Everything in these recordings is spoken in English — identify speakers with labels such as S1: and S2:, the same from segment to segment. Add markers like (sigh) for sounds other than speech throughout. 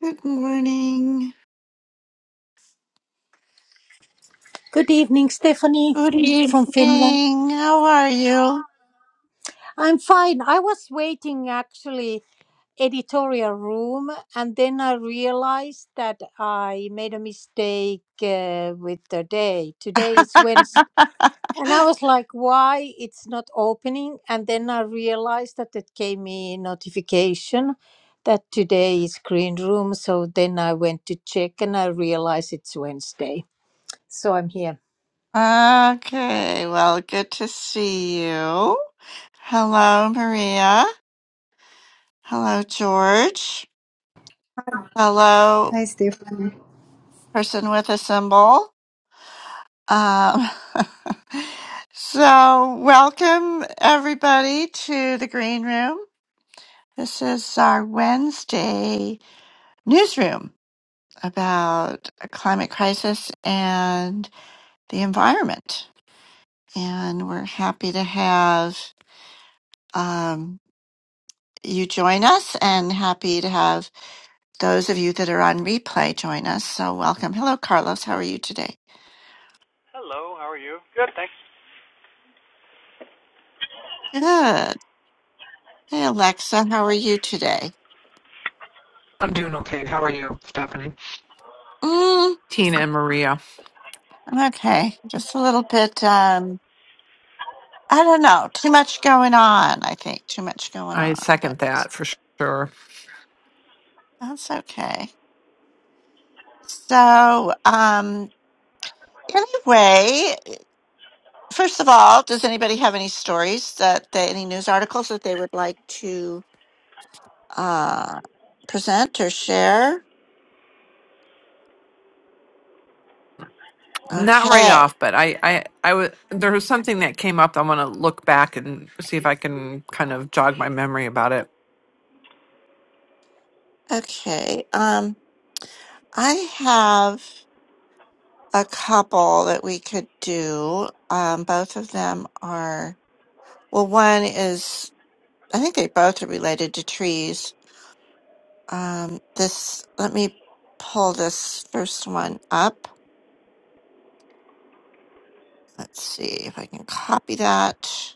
S1: Good morning.
S2: Good evening, Stephanie
S1: Good
S2: from Finland.
S1: evening. How are you?
S2: I'm fine. I was waiting actually editorial room and then I realized that I made a mistake uh, with the day. Today is Wednesday. And I was like, why it's not opening? And then I realized that it gave me notification that today is green room. So then I went to check and I realized it's Wednesday. So I'm here.
S1: Okay, well, good to see you. Hello, Maria. Hello, George. Hello,
S3: Hi, Stefan.
S1: person with a symbol. Um, (laughs) so, welcome everybody to the green room. This is our Wednesday newsroom about a climate crisis and the environment. and we're happy to have um, you join us and happy to have those of you that are on replay join us. So, welcome. Hello, Carlos. How are you today?
S4: Hello, how are you? Good, thanks.
S1: Good. Hey, Alexa. How are you today?
S5: I'm doing okay. How are you, Stephanie?
S1: Mm,
S5: Tina and Maria.
S1: I'm okay. Just a little bit, um, I don't know, too much going on, I think. Too much going
S5: I
S1: on, but
S5: second that for sure.
S1: that's okay. So, um, anyway, First of all, does anybody have any stories that, they, any news articles that they would like to uh, present or share?
S5: Not right
S1: Okay,
S5: off, but I, I, I was there was something that came up. I want to look back and see if I can kind of jog my memory about it.
S1: okay. Um, I have a couple that we could do. Um, both of them are well. One is I think they both are related to trees. Um, this let me pull this first one up. Let's see if I can copy that.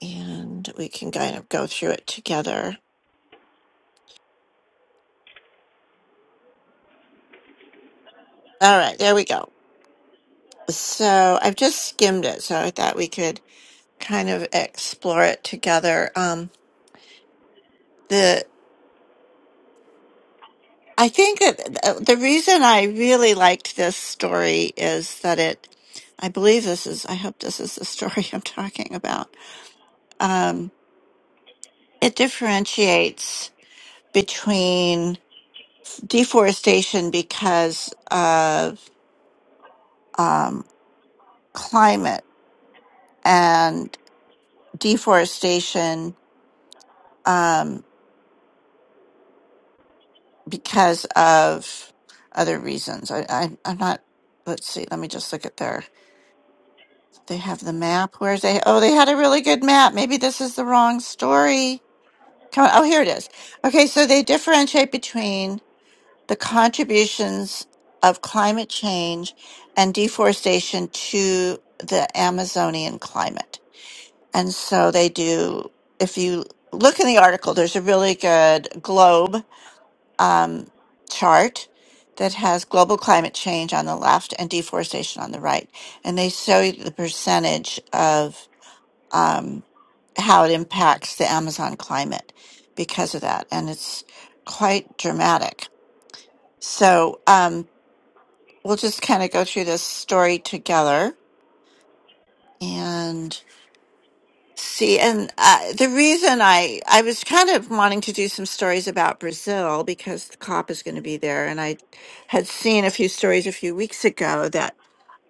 S1: and we can kind of go through it together. All right, there we go. So I've just skimmed it, so I thought we could kind of explore it together. Um, the I think that th- the reason I really liked this story is that it, I believe this is, I hope this is the story (laughs) I'm talking about. Um, it differentiates between deforestation because of um, climate and deforestation um, because of other reasons. I, I I'm not. Let's see. Let me just look at their. They have the map. Where's they? Oh, they had a really good map. Maybe this is the wrong story. Come on. Oh, here it is. Okay, so they differentiate between the contributions of climate change and deforestation to the Amazonian climate. And so they do. If you look in the article, there's a really good globe um, chart that has global climate change on the left and deforestation on the right. And they show you the percentage of um, how it impacts the Amazon climate because of that. And it's quite dramatic. So um, we'll just kind of go through this story together. and. See, and uh, the reason I I was kind of wanting to do some stories about Brazil because the COP is going to be there, and I had seen a few stories a few weeks ago that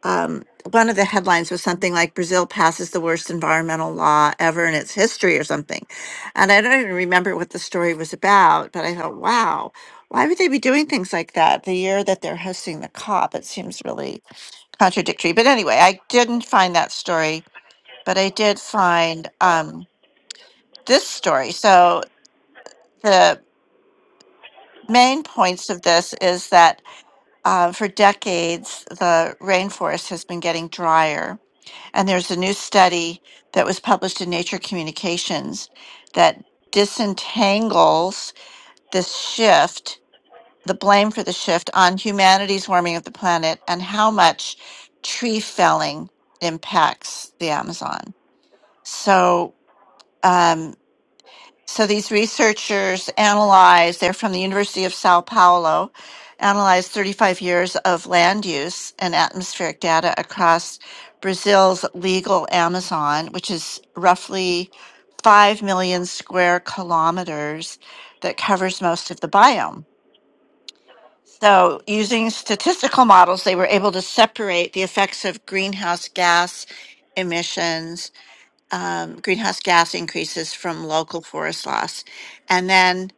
S1: um, one of the headlines was something like Brazil passes the worst environmental law ever in its history or something, and I don't even remember what the story was about, but I thought, wow, why would they be doing things like that the year that they're hosting the COP? It seems really contradictory, but anyway, I didn't find that story but I did find um, this story. So the main points of this is that uh, for decades the rainforest has been getting drier, and there's a new study that was published in Nature Communications that disentangles this shift, the blame for the shift on humanity's warming of the planet and how much tree felling impacts the Amazon. So. um, So these researchers analyzed, they're from the University of Sao Paulo, analyzed 35 years of land use and atmospheric data across Brazil's legal Amazon, which is roughly 5 million square kilometers that covers most of the biome. So, using statistical models, they were able to separate the effects of greenhouse gas emissions um, greenhouse gas increases from local forest loss. And then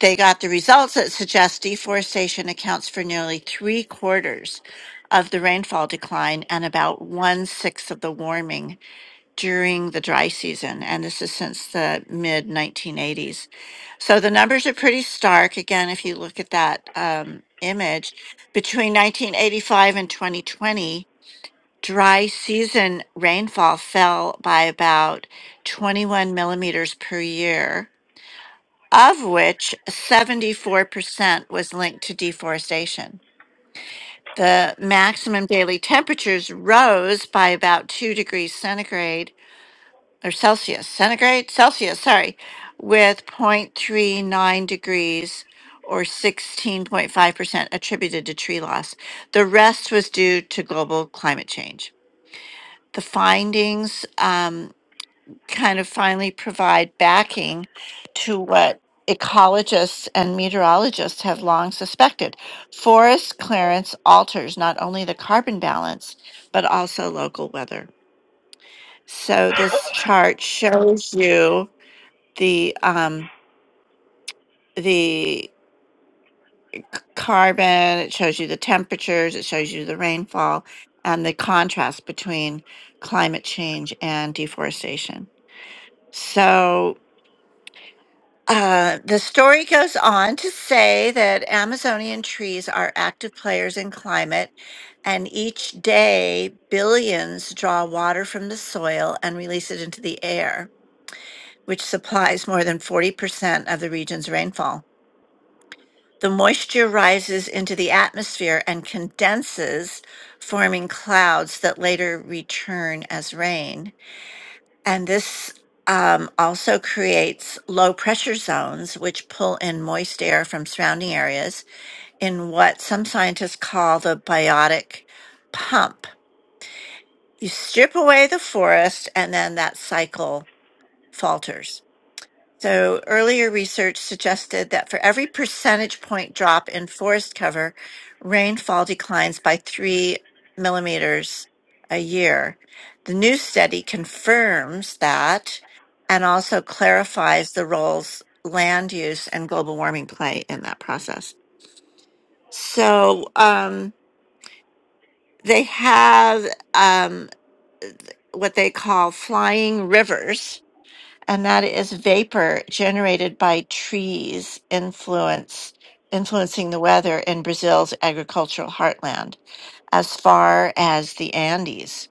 S1: they got the results that suggest deforestation accounts for nearly three quarters of the rainfall decline and about one sixth of the warming during the dry season. And this is since the mid 1980s. So the numbers are pretty stark. Again, if you look at that um, image, between 1985 and 2020, dry season rainfall fell by about 21 millimeters per year, of which 74% was linked to deforestation. The maximum daily temperatures rose by about 2 degrees centigrade or Celsius, centigrade, Celsius, sorry, with 0.39 degrees or 16.5% attributed to tree loss. The rest was due to global climate change. the findings um, kind of finally provide backing to what ecologists and meteorologists have long suspected. Forest clearance alters not only the carbon balance, but also local weather.
S4: (coughs)
S1: So this
S4: (laughs)
S1: chart shows you the um, the c- carbon, it shows you the temperatures, it shows you the rainfall, and the contrast between climate change and deforestation. So Uh, the story goes on to say that Amazonian trees are active players in climate, and each day billions draw water from the soil and release it into the air, which supplies more than 40% of the region's rainfall. The moisture rises into the atmosphere and condenses, forming clouds that later return as rain. And this um, also creates low pressure zones, which pull in moist air from surrounding areas in what some scientists call the biotic pump. You strip away the forest, and then that cycle falters. So earlier research suggested that for every percentage point drop in forest cover, rainfall declines by three millimeters a year. The new study confirms that and also clarifies the roles land use and global warming play in that process. So um, they have um, what they call flying rivers and that is vapor generated by trees influence influencing the weather in Brazil's agricultural heartland as far as the Andes.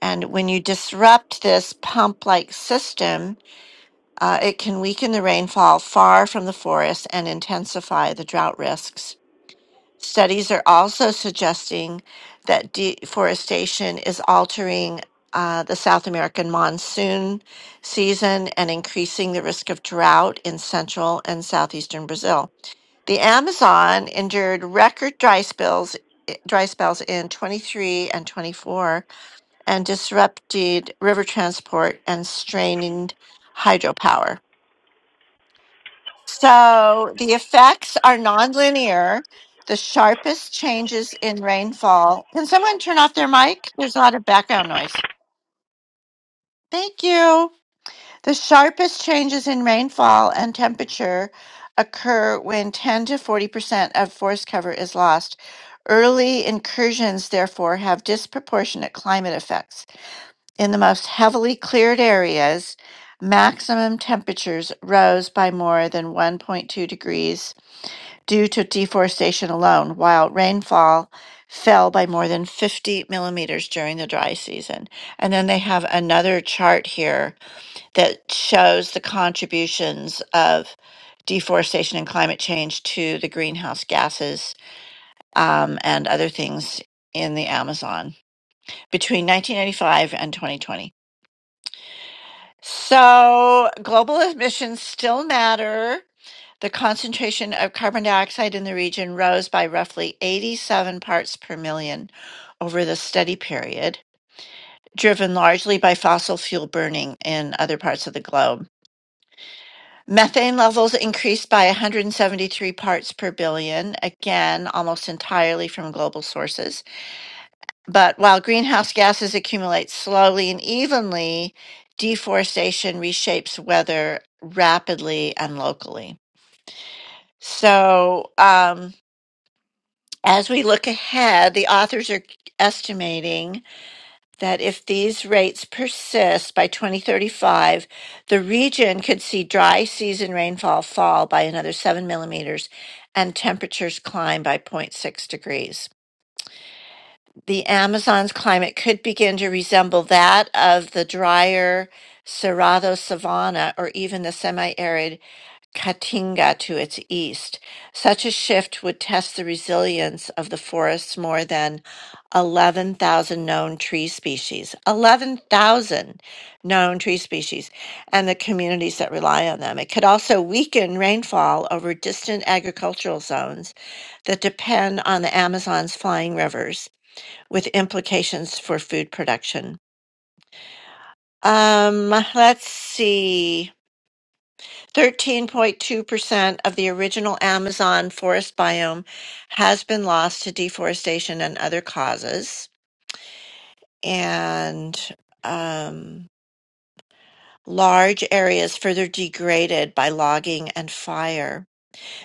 S1: And when you disrupt this pump-like system, uh, it can weaken the rainfall far from the forest and intensify the drought risks Studies are also suggesting that deforestation is altering uh, the South American monsoon season and increasing the risk of drought in central and southeastern Brazil. The Amazon endured record dry spells dry spells in 23 and 24 and disrupted river transport and strained hydropower. So the effects are nonlinear. The sharpest changes in rainfall. Can someone turn off their mic? There's a lot of background noise. Thank you. The sharpest changes in rainfall and temperature occur when 10 to 40% of forest cover is lost. Early incursions, therefore, have disproportionate climate effects. In the most heavily cleared areas, maximum temperatures rose by more than 1.2 degrees due to deforestation alone, while rainfall fell by more than 50 millimeters during the dry season. And then they have another chart here that shows the contributions of deforestation and climate change to the greenhouse gases um, and other things in the Amazon between 1995 and 2020. So, global emissions still matter. The concentration of carbon dioxide in the region rose by roughly 87 parts per million over the study period, driven largely by fossil fuel burning in other parts of the globe. Methane levels increased by 173 parts per billion, again, almost entirely from global sources. But while greenhouse gases accumulate slowly and evenly, deforestation reshapes weather rapidly and locally. So, um, as we look ahead, the authors are estimating that if these rates persist by 2035, the region could see dry season rainfall fall by another seven millimeters and temperatures climb by zero point 0.6 degrees. the Amazon's climate could begin to resemble that of the drier Cerrado savanna or even the semi arid Caatinga to its east. Such a shift would test the resilience of the forest's more than 11,000 known tree species. 11,000 known tree species and the communities that rely on them. It could also weaken rainfall over distant agricultural zones that depend on the Amazon's flying rivers with implications for food production. Um, let's see. 13.2% of the original Amazon forest biome has been lost to deforestation and other causes. And um, large areas further degraded by logging and fire.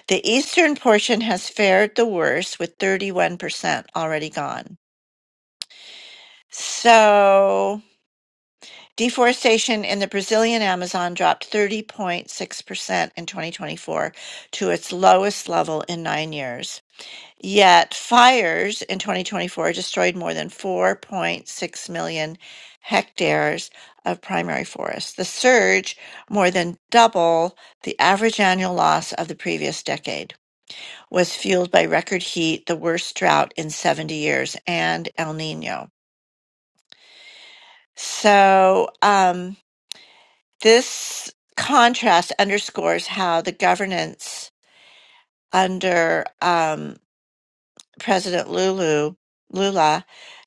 S1: The eastern portion has fared the worst, with 31% already gone. So. Deforestation in the Brazilian Amazon dropped 30.6% in 2024 to its lowest level in nine years. Yet fires in 2024 destroyed more than 4.6 million hectares of primary forest. The surge, more than double the average annual loss of the previous decade, was fueled by record heat, the worst drought in 70 years, and El Nino. So, um, This contrast underscores how the governance under um, President Lulu Lula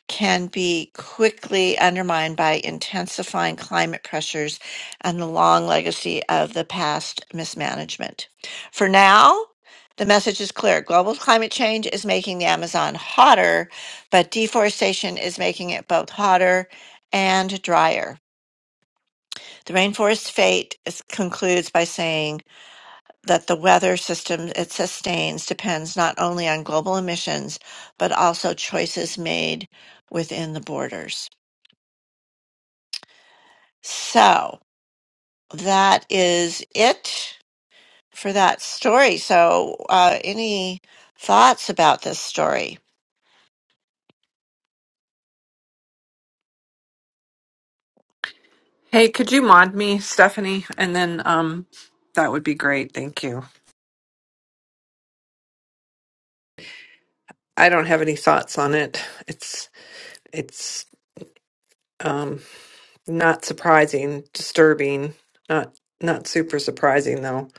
S1: can be quickly undermined by intensifying climate pressures and the long legacy of the past mismanagement. For now, the message is clear. Global climate change is making the Amazon hotter, but deforestation is making it both hotter and drier. The rainforest's fate is, concludes by saying, that the weather system it sustains depends not only on global emissions, but also choices made within the borders. So that is it for that story. So, uh, any thoughts about this story?
S5: Hey, could you mod me, Stephanie? And then, um, that would be great. Thank you. I don't have any thoughts on it. It's, it's, um, not surprising, disturbing, not, not super surprising though.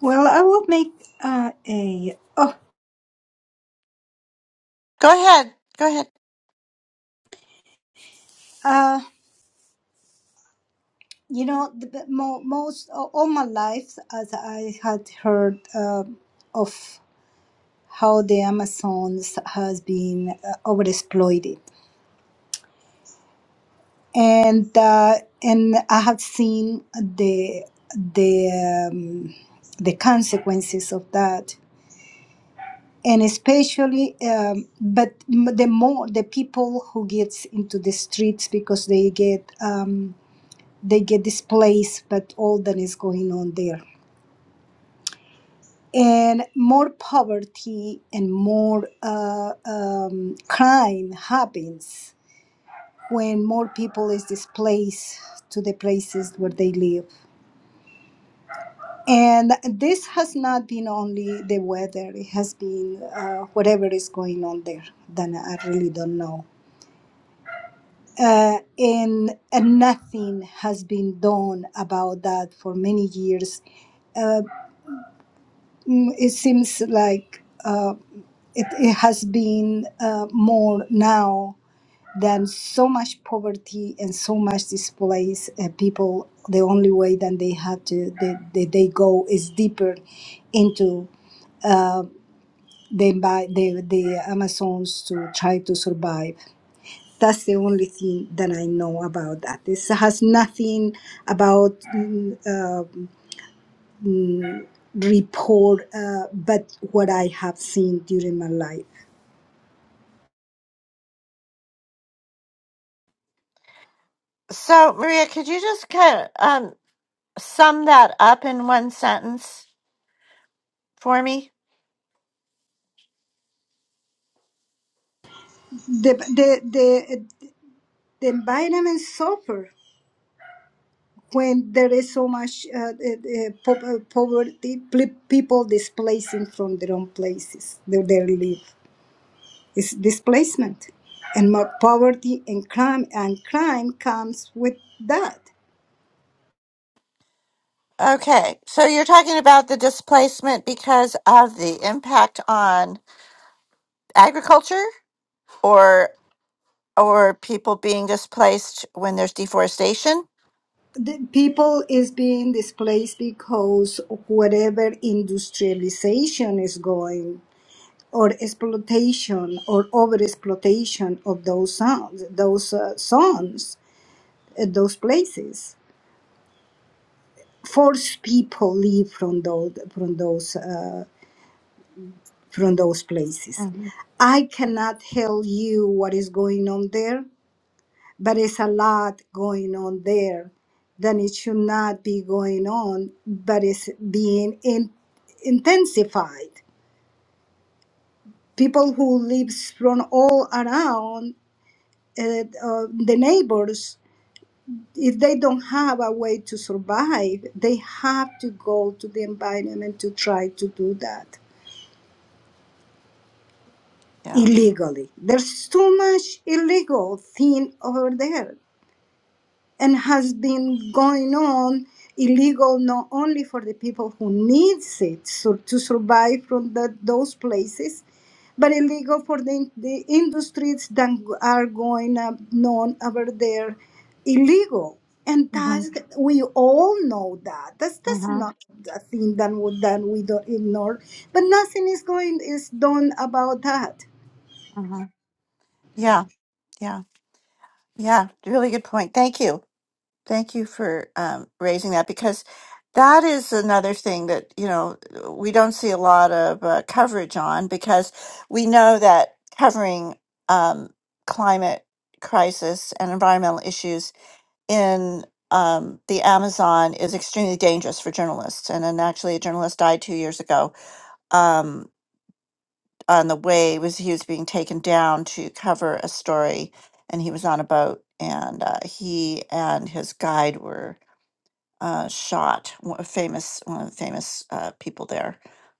S3: Well, I will make uh, a. Oh,
S1: Go ahead. Go ahead.
S3: uh, you know, the, the mo- most a- all my life, as I had heard uh, of how the Amazons has been uh, overexploited, and uh, and I have seen the the um, the consequences of that. And especially, um, but m- the more the people who gets into the streets because they get um, they get displaced, but all that is going on there. And more poverty and more uh, um, crime happens when more people is displaced to the places where they live. And this has not been only the weather; it has been uh, whatever is going on there. Then I really don't know. Uh, and, and nothing has been done about that for many years Uh, Mm, it seems like uh, it, it has been uh, more now than so much poverty and so much displaced uh, people. The only way that they have to they, they, they go is deeper into uh, the, envi- the the Amazons to try to survive. That's the only thing that I know about that. This has nothing about mm, uh, report, uh, but what I have seen during my life.
S1: So, Maria, could you just kind of um, sum that up in one sentence for me?
S3: the the the, the environment suffer when there is so much uh, uh, uh, po- uh, poverty pl- people displacing from their own places where they live it's displacement and more poverty and crime and crime comes with that
S1: Okay. So, you're talking about the displacement because of the impact on agriculture? or or people being displaced when there's deforestation?
S3: the people is being displaced because of whatever industrialization is going or exploitation or over exploitation of those sons those uh, sons at those places force people leave from those from those uh, from those places
S1: hmm
S3: i cannot tell you what is going on there but it's a lot going on there then it should not be going on but it's being in, intensified people who lives from all around uh, uh, the neighbors if they don't have a way to survive, they have to go to the environment to try to do that
S1: Yeah.
S3: illegally. There's too much illegal thing over there. and has been going on illegal not only for the people who needs it so to survive from the, those places but illegal for the, the industries that are going up known over there illegal and
S1: hmm
S3: that's we all know that that's that's
S1: hmm
S3: not a thing that we, that we don't ignore but nothing is going is done about that
S1: hmm Yeah. Yeah. Yeah. Really good point. Thank you. Thank you for um, raising that because that is another thing that, you know, we don't see a lot of uh, coverage on because we know that covering um, climate crisis and environmental issues in um, the Amazon is extremely dangerous for journalists. And then actually, a journalist died two years ago um, on the way was he was being taken down to cover a story, and he was on a boat, and uh, he and his guide were uh, shot. One- A famous one of the famous uh, people there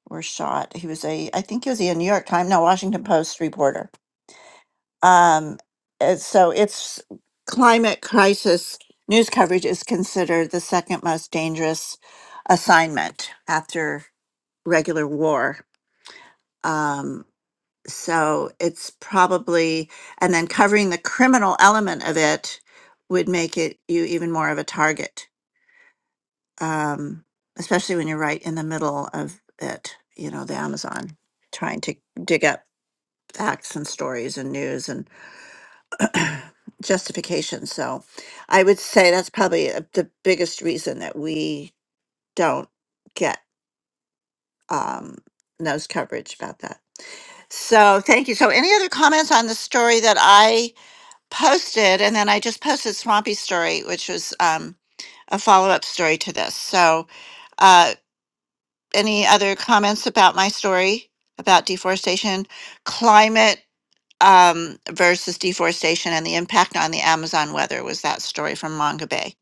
S1: were shot. He was a I think he was a New York Times, no Washington Post reporter. Um, uh, so it's climate crisis news coverage is considered the second most dangerous assignment after regular war. Um, so it's probably and then covering the criminal element of it would make it you even more of a target um, especially when you're right in the middle of it, you know, the Amazon, trying to dig up facts and stories and news and (clears throat) justification. So I would say that's probably uh, the biggest reason that we don't get um, news coverage about that. So thank you. So any other comments on the story that I posted? And then I just posted Swampy's story, which was um, a follow up story to this. So. uh, any other comments about my story about deforestation, climate um, versus deforestation, and the impact on the Amazon weather? Was that story from Manga Bay?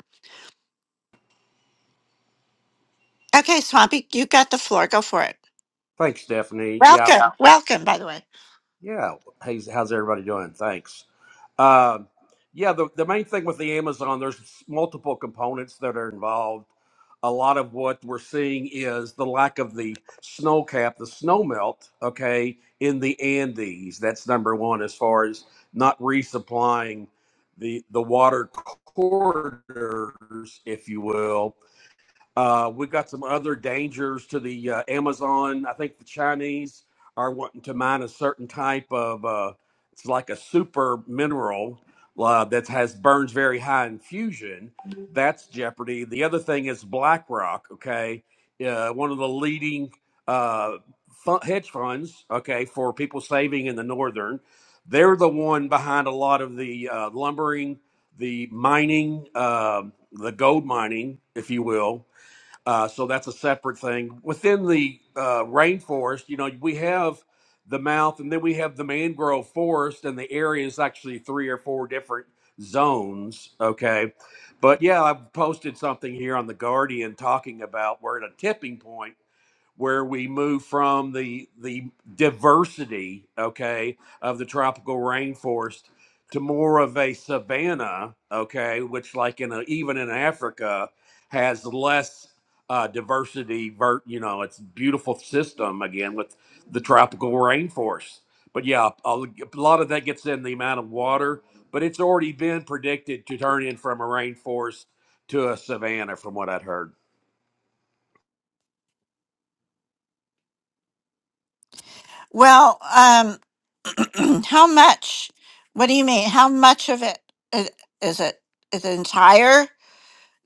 S1: Okay, Swampy, you got the floor. Go for it.
S6: Thanks, Stephanie. Yeah,
S1: Welcome, Yeah. welcome. By the way,
S6: yeah. How's how's everybody doing? Thanks. Um, yeah, the, the main thing with the Amazon, there's multiple components that are involved. A lot of what we're seeing is the lack of the snow cap, the snow melt, okay, in the Andes. That's number one as far as not resupplying the the water corridors, if you will, uh, we've got some other dangers to the uh, Amazon. I think the Chinese are wanting to mine a certain type of uh, it's like a super mineral uh, that has burns very high in fusion. That's jeopardy. The other thing is BlackRock. Okay, uh, one of the leading uh, fu- hedge funds. Okay, for people saving in the northern, they're the one behind a lot of the uh, lumbering, the mining, um the gold mining, if you will uh, so that's a separate thing. Within the uh, rainforest, you know, we have the mouth and then we have the mangrove forest, and the area is actually three or four different zones. Okay. But yeah, I've posted something here on The Guardian talking about we're at a tipping point where we move from the the diversity, okay, of the tropical rainforest to more of a savanna, okay, which like in a, even in Africa has less uh, diversity. Vert, you know, it's a beautiful system again with the tropical rainforest. But yeah, a, a lot of that gets in the amount of water, but it's already been predicted to turn in from a rainforest to a savanna, from what I'd heard.
S1: well, um, (clears throat) how much? What do you mean? How much of it is, is it? Is it entire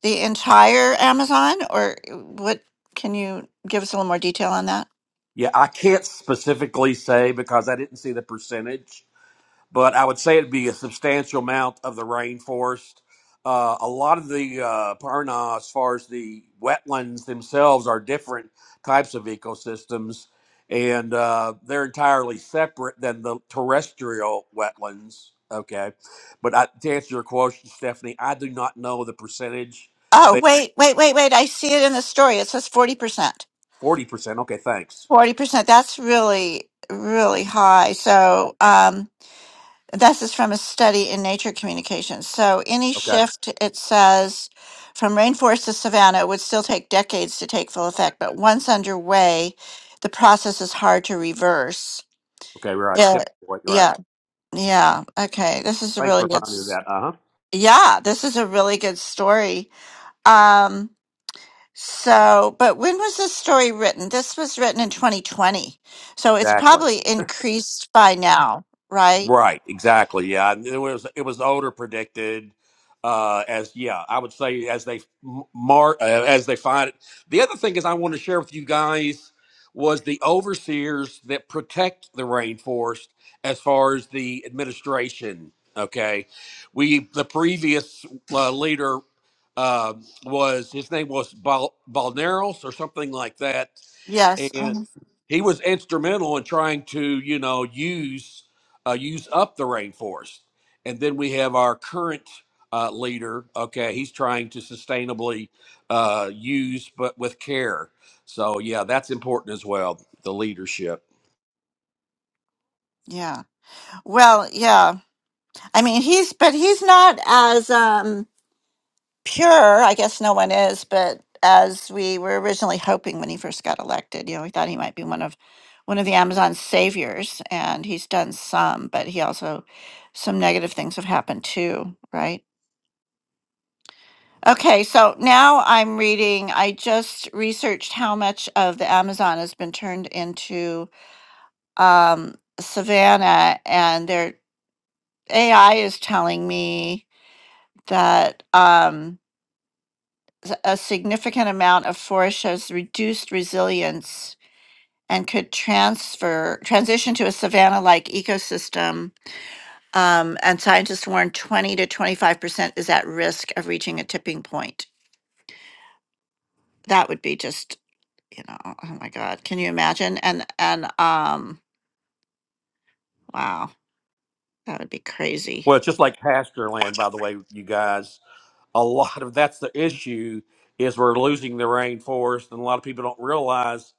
S1: the entire Amazon, or uh, what? Can you give us a little more detail on that?
S6: Yeah, I can't specifically say because I didn't see the percentage, but I would say it'd be a substantial amount of the rainforest. Uh, a lot of the uh, Parna, as far as the wetlands themselves, are different types of ecosystems, and uh, they're entirely separate than the terrestrial wetlands. Okay, but I, to answer your question, Stephanie, I do not know the percentage.
S1: Oh,
S6: They
S1: wait, wait, wait, wait! I see it in the story. It says forty percent.
S6: forty percent. Okay, thanks.
S1: Forty percent. That's really really high. So, um, This is from a study in Nature Communications. So any
S6: Okay,
S1: shift, it says, from rainforest to savanna would still take decades to take full effect, but once underway, the process is hard to reverse.
S6: okay, right.
S1: Yeah,
S6: Tip, right.
S1: yeah, yeah. Okay, this is a
S6: Thanks
S1: really
S6: for
S1: good.
S6: finding
S1: s-
S6: that. Uh huh.
S1: Yeah, this is a really good story. Um, so, but when was this story written? This was written in 2020, so it's
S6: Exactly.
S1: probably increased by now, right?
S6: Right. Exactly. Yeah. And It was it was older predicted uh as yeah i would say as they m- mar uh, as they find it the other thing is i want to share with you guys was the overseers that protect the rainforest as far as the administration okay we the previous uh, leader uh, was his name was Bal- balneros or something like that
S1: Yes. mhm,
S6: he was instrumental in trying to you know use uh, use up the rainforest and then we have our current uh, leader okay he's trying to sustainably uh, use but with care so yeah that's important as well the leadership
S1: Yeah. Well, yeah. I mean, he's but he's not as um pure. I guess no one is, but as we were originally hoping when he first got elected, you know, we thought he might be one of one of the Amazon saviors, and he's done some, but he also some negative things have happened too, right? Okay, so now I'm reading. I just researched how much of the Amazon has been turned into um, savanna, and their AI is telling me that. Um, s- a significant amount of forest shows reduced resilience and could transfer transition to a savanna-like ecosystem. Um, and scientists warn 20 to 25 percent is at risk of reaching a tipping point. That would be just, you know, oh my God, can you imagine? And and um, wow, that would be crazy.
S6: well it's just like pasture land by the way you guys a lot of that's the issue is we're losing the rainforest and a lot of people don't realize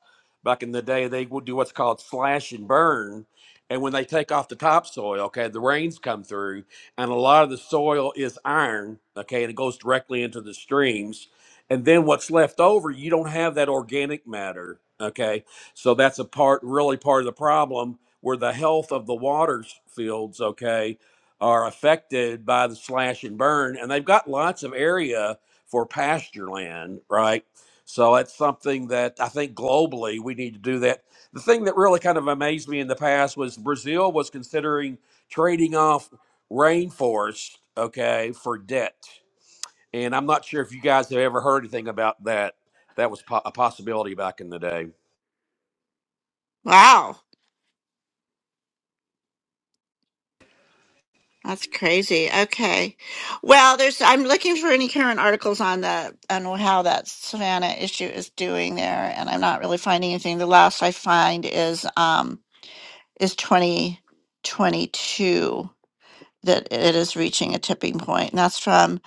S6: back in the day they would do what's called slash and burn and when they take off the topsoil okay the rains come through and a lot of the soil is iron okay and it goes directly into the streams and then what's left over you don't have that organic matter okay so that's a part really part of the problem where the health of the waters fields okay are affected by the slash and burn, and they've got lots of area for pasture land, right? So that's something that I think globally we need to do that. The thing that really kind of amazed me in the past was Brazil was considering trading off rainforest, okay, for debt. And I'm not sure if you guys have ever heard anything about that. That was po- a possibility back in the day.
S1: Wow. That's crazy. Okay. Well, there's I'm looking for any current articles on that on how that Savannah issue is doing there, and I'm not really finding anything. The last I find is um is 2022 that it is reaching a tipping point. And that's from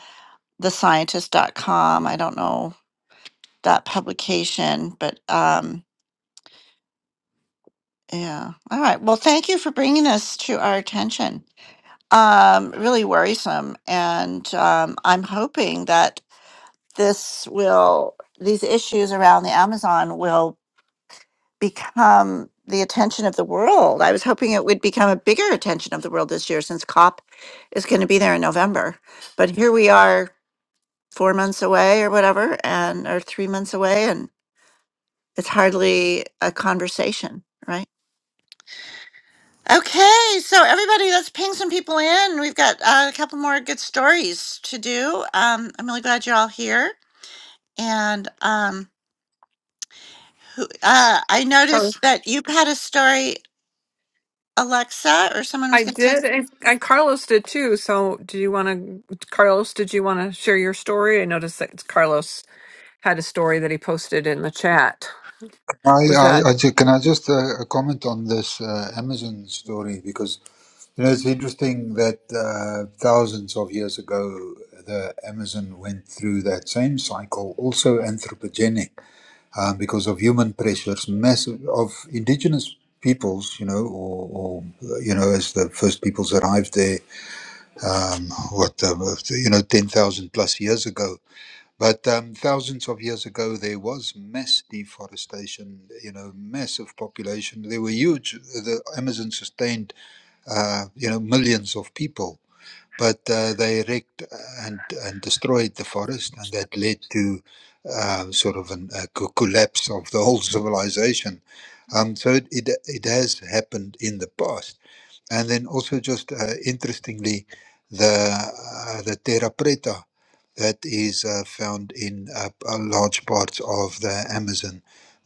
S1: The Scientist dot com. I don't know that publication, but um yeah. All right. Well, thank you for bringing this to our attention um, really worrisome. And um, I'm hoping that this will these issues around the Amazon will become the attention of the world. I was hoping it would become a bigger attention of the world this year since COP is going to be there in November. But here we are 4 months away or whatever and or 3 months away and it's hardly a conversation, right? Okay, so everybody, let's ping some people in. We've got uh, a couple more good stories to do. Um, I'm really glad you're all here. And um, Who, uh, I noticed that you had a story, Alexa, or someone
S5: I
S1: was going to say
S5: did, and,
S1: something.
S5: and Carlos did too. So, do you want to, Carlos? Did you want to share your story? I noticed that Carlos had a story that he posted in the chat.
S7: I,
S5: Was that
S7: I, I ju- can I just uh, comment on this uh, Amazon story because you know it's interesting that uh, thousands of years ago the Amazon went through that same cycle, also anthropogenic, uh, because of human pressures, massive of indigenous peoples, you know, or, or uh, you know, as the first peoples arrived there, um, what uh, you know, ten thousand plus years ago, but um, thousands of years ago, there was mass deforestation. You know, massive population. There were huge. The Amazon sustained, uh, you know, millions of people. But uh, they wrecked and and destroyed the forest, and that led to uh, sort of an, a co- collapse of the whole (laughs) civilization. Um, so it, it it has happened in the past and then also just uh, interestingly, the uh, the terra preta that is uh, found in uh, a large parts of the Amazon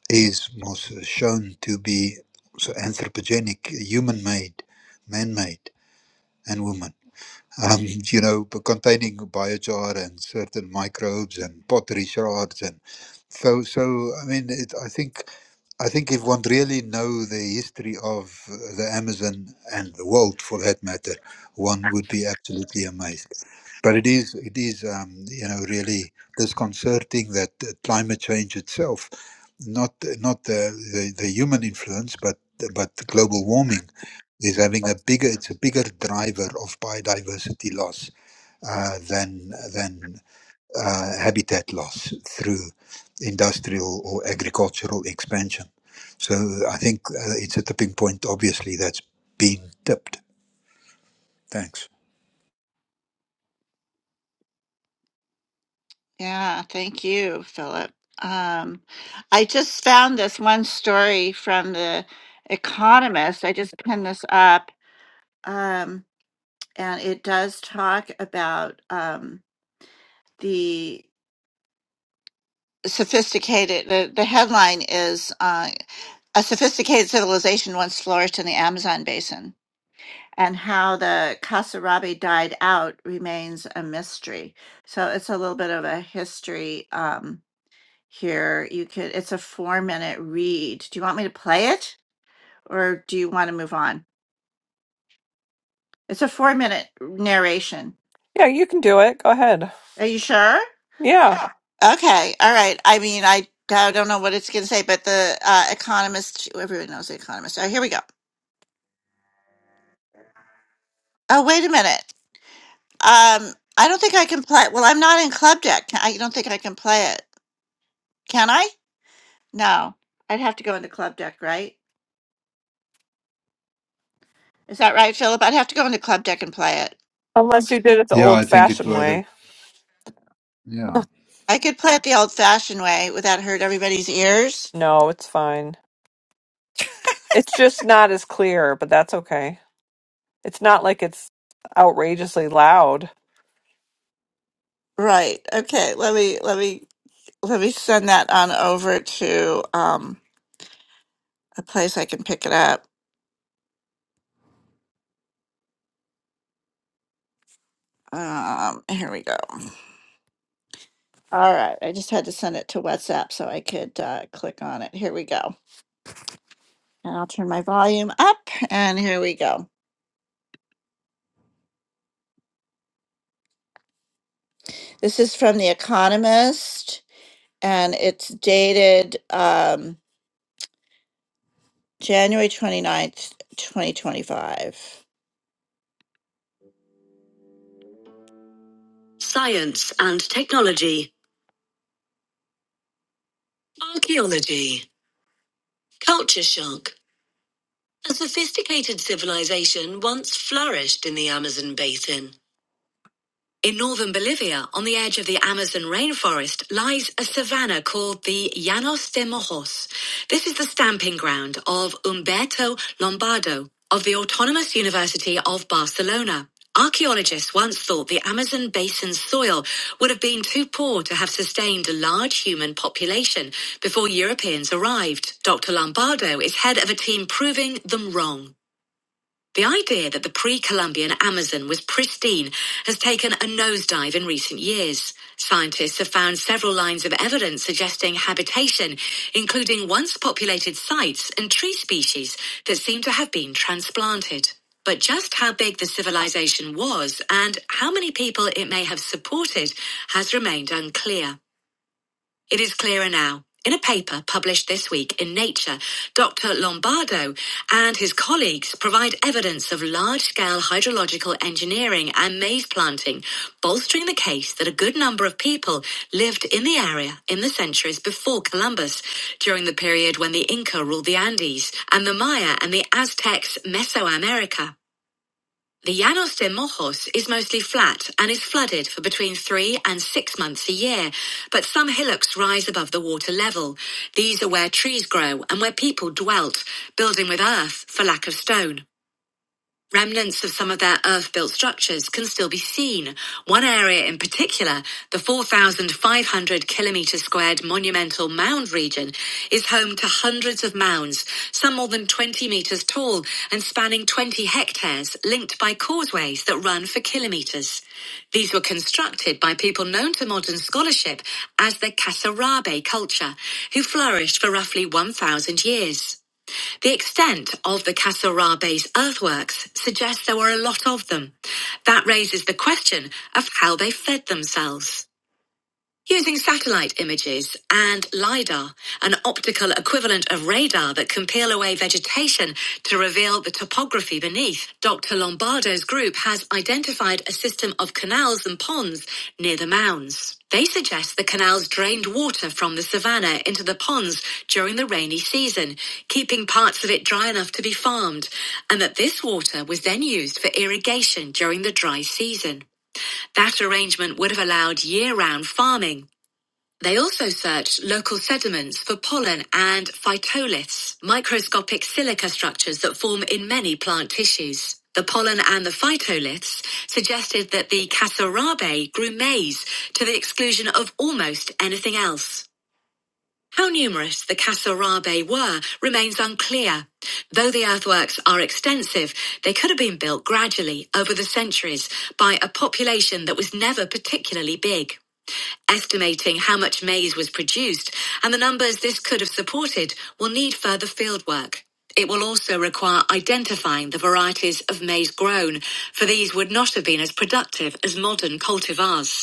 S7: is most shown to be so anthropogenic, human-made, man-made, and woman. Um, (laughs) you know, b- containing biochar and certain microbes and pottery shards, and so so. I mean, it, I think I think if one really know the history of the Amazon and the world, for that matter, one would be absolutely amazed. But it is, it is, um, you know, really disconcerting that uh, climate change itself, not not the, the, the human influence, but but global warming is having a bigger, it's a bigger driver of biodiversity loss uh, than than uh, habitat loss through industrial or agricultural expansion. So I think uh, it's a tipping point, obviously, that's been tipped. Thanks.
S1: Yeah, thank you, Philip. Um, I just found this one story from The Economist. I just pinned this up, um, and it does talk about um, the sophisticated. The, the headline is uh, A Sophisticated Civilization Once Flourished in the Amazon Basin and how the Kasarabi died out remains a mystery. So it's a little bit of a history um, here. You could it's a four minute read. Do you want me to play it or do you want to move on? It's a four minute narration.
S5: Yeah, you can do it. Go ahead.
S1: Are you sure?
S5: Yeah.
S1: Okay. All right. I mean, I I don't know what it's going to say, but the uh, Economist. Everyone knows the Economist. All right, here we go. Oh, wait a minute. Um, I don't think I can play. Well, I'm not in club deck. I don't think I can play it. Can I? No, I'd have to go into club deck, right? Is that right, Philip? I'd have to go into club deck and play it.
S5: Unless you did it the
S7: Yeah,
S5: old
S7: I think it
S5: fashioned
S7: whether
S5: way.
S7: yeah.
S1: I could play it the old-fashioned way without hurt everybody's ears.
S5: No, it's fine. It's just not as clear, but that's okay. It's not like it's outrageously loud.
S1: Right. Okay. Let me let me let me send that on over to um a place I can pick it up. Um, here we go. All right. I just had to send it to WhatsApp so I could uh, click on it. Here we go. And I'll turn my volume up. And here we go. This is from The Economist, and it's dated. Um, January 29th, 2025. Science and technology. Archaeology. Culture shock. A sophisticated civilization once flourished in the Amazon basin. In northern Bolivia, on the edge of the Amazon rainforest, lies a savanna called the Llanos de Mojos. This is the stamping ground of Umberto Lombardo of the Autonomous University of Barcelona. Archaeologists once thought the Amazon basin's soil would have been too poor to have sustained a large human population before Europeans arrived. Dr. Lombardo is head of a team proving them wrong. The idea that the pre Columbian Amazon was pristine has taken a nosedive in recent years. Scientists have found several lines of evidence suggesting habitation, including once populated sites and tree species that seem to have been transplanted. But just how big the civilization was and how many people it may have supported has remained unclear. It is clearer now. In a paper published this week in Nature, Dr. Lombardo and his colleagues provide evidence of large scale hydrological engineering and maize planting, bolstering the case that a good number of people lived in the area in the centuries before Columbus, during the period when the Inca ruled the Andes and the Maya and the Aztecs Mesoamerica. The Llanos de Mojos is mostly flat and is flooded for between three and six months a year, but some hillocks rise above the water level. These are where trees grow and where people dwelt, building with earth for lack of stone. Remnants of some of their earth built structures can still be seen. One area in particular, the 4,500 kilometre squared monumental mound region, is home to hundreds of mounds, some more than 20 metres tall and spanning 20 hectares, linked by causeways that run for kilometres. These were constructed by people known to modern scholarship as the Kasarabe culture, who flourished for roughly 1,000 years. The extent of the Kasarabe's earthworks suggests there were a lot of them. That raises the question of how they fed themselves. Using satellite images and LIDAR, an optical equivalent of radar that can peel away vegetation to reveal the topography beneath, Dr. Lombardo's group has identified a system of canals and ponds near the mounds. They suggest the canals drained water from the savanna into the ponds during the rainy season, keeping parts of it dry enough to be farmed, and that this water was then used for irrigation during the dry season. That arrangement would have allowed year round farming they also searched local sediments for pollen and phytoliths, microscopic silica structures that form in many plant tissues. The pollen and the phytoliths suggested that the cassarabe grew maize to the exclusion of almost anything else. How numerous the cassarabe were remains unclear. Though the earthworks are extensive, they could have been built gradually over the centuries by a population that was never particularly big. Estimating how much maize was produced and the numbers this could have supported will need further fieldwork. It will also require identifying the varieties of maize grown, for these would not have been as productive as modern cultivars.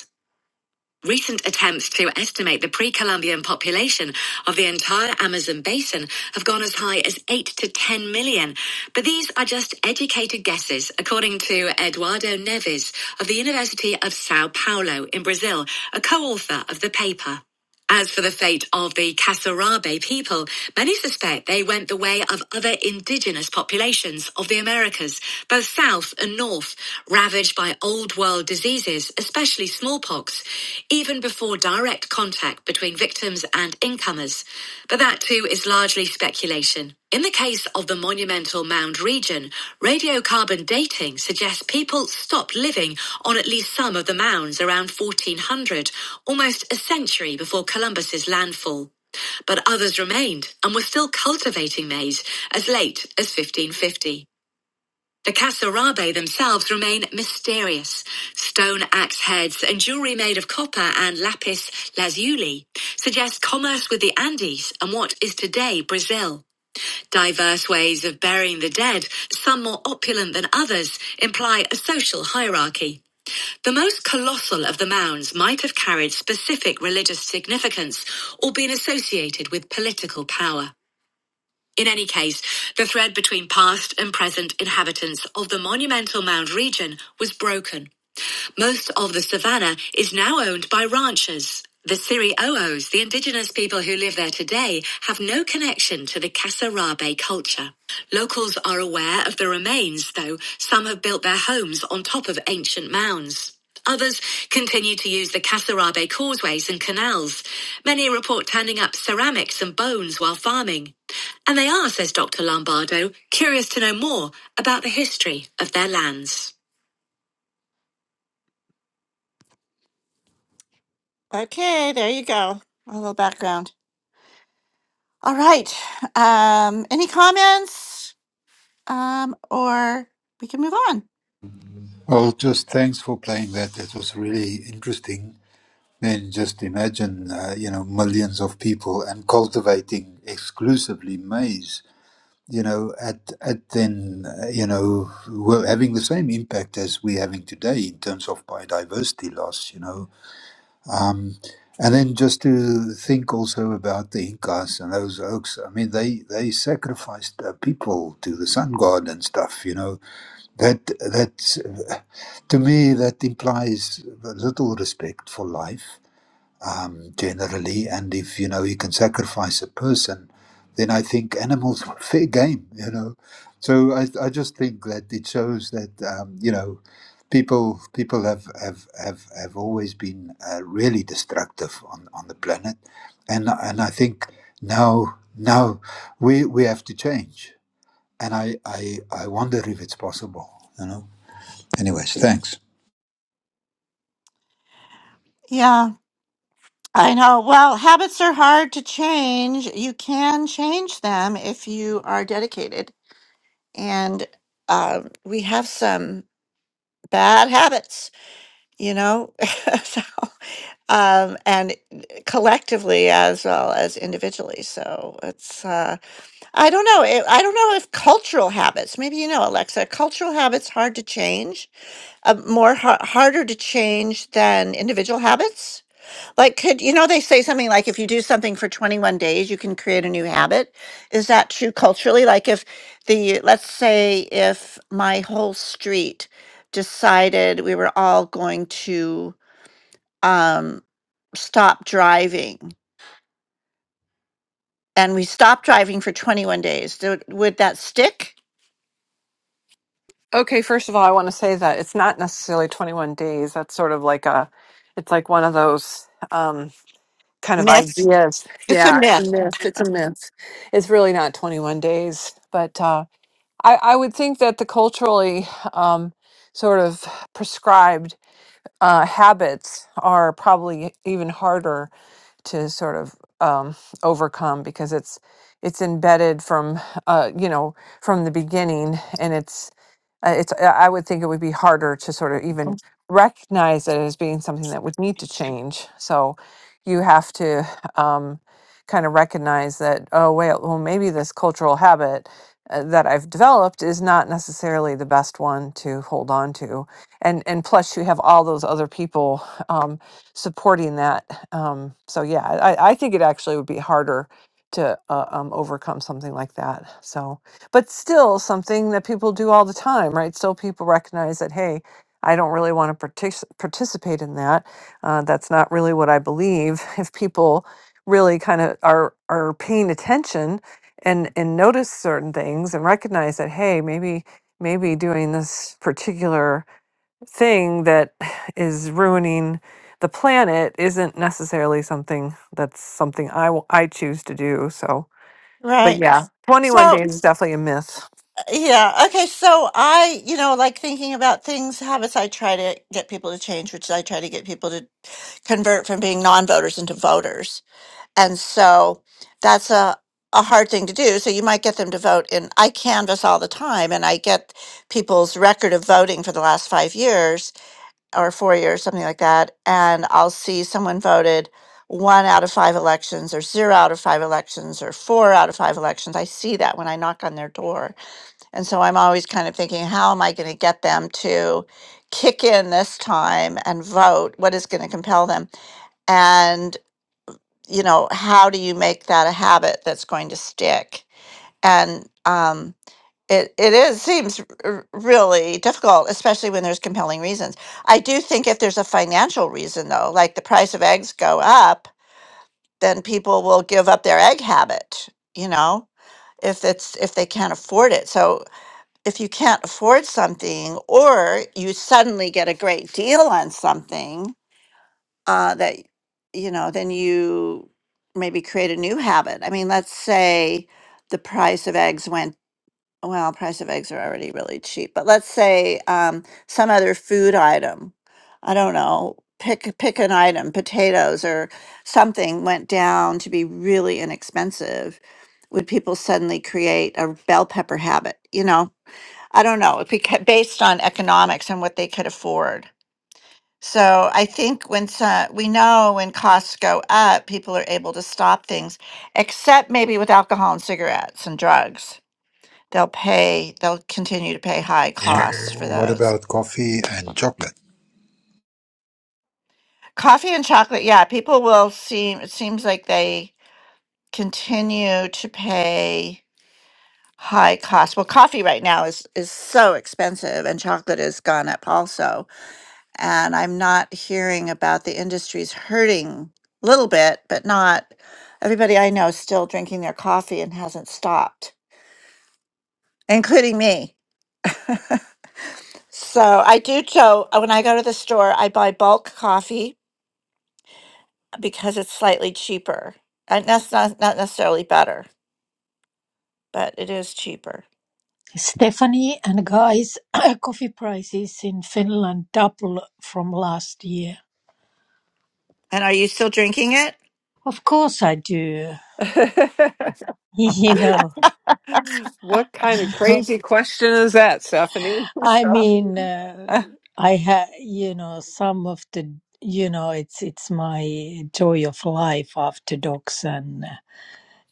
S1: Recent attempts to estimate the pre Columbian population of the entire Amazon basin have gone as high as 8 to 10 million, but these are just educated guesses, according to Eduardo Neves of the University of Sao Paulo in Brazil, a co author of the paper. As for the fate of the Kasarabe people, many suspect they went the way of other indigenous populations of the Americas, both south and north, ravaged by old world diseases, especially smallpox, even before direct contact between victims victims and incomers, but that too is largely speculation. In the case of the monumental mound region, radiocarbon dating suggests people stopped living on at least some of the mounds around 1400, almost a century before Columbus's landfall. But others remained and were still cultivating maize as late as 1550. The kasarabe themselves remain mysterious. Stone axe heads and jewelry made of copper and lapis lazuli suggest commerce with the Andes and what is today Brazil. Diverse ways of burying the dead, some more opulent than others, imply a social hierarchy. The most colossal of the mounds might have carried specific religious significance or been associated with political power. In any case, the thread between past and present inhabitants of the monumental mound region was broken most of the savannah is now owned by ranchers. The Siri'oos, the indigenous people who live there today, have no connection to the Kasarabe culture. Locals are aware of the remains, though some have built their homes on top of ancient mounds. Others continue to use the Kasarabe causeways and canals. Many report turning up ceramics and bones while farming. And they are, says Dr. Lombardo, curious to know more about the history of their lands. Okay, there you go. A little background. All right. Um, any comments? Um, or we can move on.
S7: Well, just thanks for playing that. That was really interesting. And just imagine, uh, you know, millions of people and cultivating exclusively maize. You know, at at then, uh, you know, we're having the same impact as we're having today in terms of biodiversity loss. You know, Um, and then just to think also about the Incas and those oaks. I mean, they they sacrificed uh, people to the sun god and stuff. You know that that to me that implies little respect for life um, generally. And if you know you can sacrifice a person, then I think animals (laughs) were fair game. You know, so I, I just think that it shows that um, you know people people have have have, have always been uh, really destructive on, on the planet, and and I think now now we we have to change. And I I, I wonder if it's possible. You know. Anyways, thanks.
S1: Yeah, I know. Well, habits are hard to change. You can change them if you are dedicated. And um, we have some bad habits, you know? (laughs) so, um, and collectively as well as individually. So it's. uh, I don't know. eh, I don't know if cultural habits, maybe you know, Alexa, cultural habits hard to change, uh, more har harder to change than individual habits. Like, could you know, they say something like if you do something for 21 days, you can create a new habit. Is that true culturally? Like, if the, let's say, if my whole street decided we were all going to um, stop driving and we stopped driving for 21 days, do- would that stick?
S5: Okay, first of all, I want to say that it's not necessarily 21 days. That's sort of like a, it's like one of those um, kind of
S1: Myth.
S5: ideas.
S1: It's a
S5: Yeah,
S1: myth.
S5: myth. It's a myth. It's really not 21 days. But uh, I, I would think that the culturally um, sort of prescribed uh, habits are probably even harder to sort of um, overcome because it's it's embedded from uh, you know from the beginning and it's uh, It's uh, I would think it would be harder to sort of even recognize it as being something that would need to change. So you have to um, kind of recognize that oh wait well maybe this cultural habit uh, that I've developed is not necessarily the best one to hold on to, and and plus you have all those other people um, supporting that. Um, so yeah, I, I think it actually would be harder to uh, um, overcome something like that. So but still something that people do all the time, right? Still, people recognize that, hey, I don't really want to partic- participate in that. Uh, that's not really what I believe. (laughs) If people really kind of are are paying attention and and notice certain things and recognize that, hey, maybe maybe doing this particular thing that (sighs) is ruining the planet isn't necessarily something that's something I w- I choose to do. So, but
S1: Right.
S5: yeah, 21
S1: So,
S5: days is definitely a myth.
S1: yeah. Okay. So, I, you know, like thinking about things, habits I try to get people to change, which I try to get people to convert from being non voters into voters. And so that's a, a hard thing to do. So you might get them to vote in. I canvass all the time and I get people's record of voting for the last five years or four years, something like that. And I'll see someone voted one out of five elections or zero out of five elections or four out of five elections. I see that when I knock on their door. And so I'm always kind of thinking, how am I going to get them to kick in this time and vote? What is going to compel them? And you know how do you make that a habit that's going to stick and um it, it is seems r- really difficult especially when there's compelling reasons i do think if there's a financial reason though like the price of eggs go up then people will give up their egg habit you know if it's if they can't afford it so if you can't afford something or you suddenly get a great deal on something uh, that you know then you maybe create a new habit i mean let's say the price of eggs went well price of eggs are already really cheap but let's say um, some other food item i don't know pick pick an item potatoes or something went down to be really inexpensive would people suddenly create a bell pepper habit you know i don't know it beca- based on economics and what they could afford so I think when so- we know when costs go up, people are able to stop things, except maybe with alcohol and cigarettes and drugs. They'll pay, they'll continue to pay high
S7: What,
S1: costs for
S7: what
S1: those.
S7: about coffee and chocolate?
S1: Coffee and chocolate, yeah, people will seem, it seems like they continue to pay high costs. Well, coffee right now is is so expensive and chocolate has gone up also and I'm not hearing about the industries hurting a little bit, but not everybody I know is still drinking their coffee and hasn't stopped, including me. So I do so uh, when I go to the store, I buy bulk coffee because it's slightly cheaper. And that's not, not necessarily better, but it is cheaper.
S2: Stephanie and Guy's (coughs) (clears throat) coffee prices in Finland double from last year.
S1: And are you still drinking it?
S2: Of course I do. (laughs)
S5: (laughs)
S2: You know,
S5: what kind of crazy question is that, Stephanie? (laughs)
S2: I mean, uh,
S5: Uh,
S2: I have, you know, some of the, you
S1: (laughs)
S2: know, it's it's my joy of life after dogs and uh,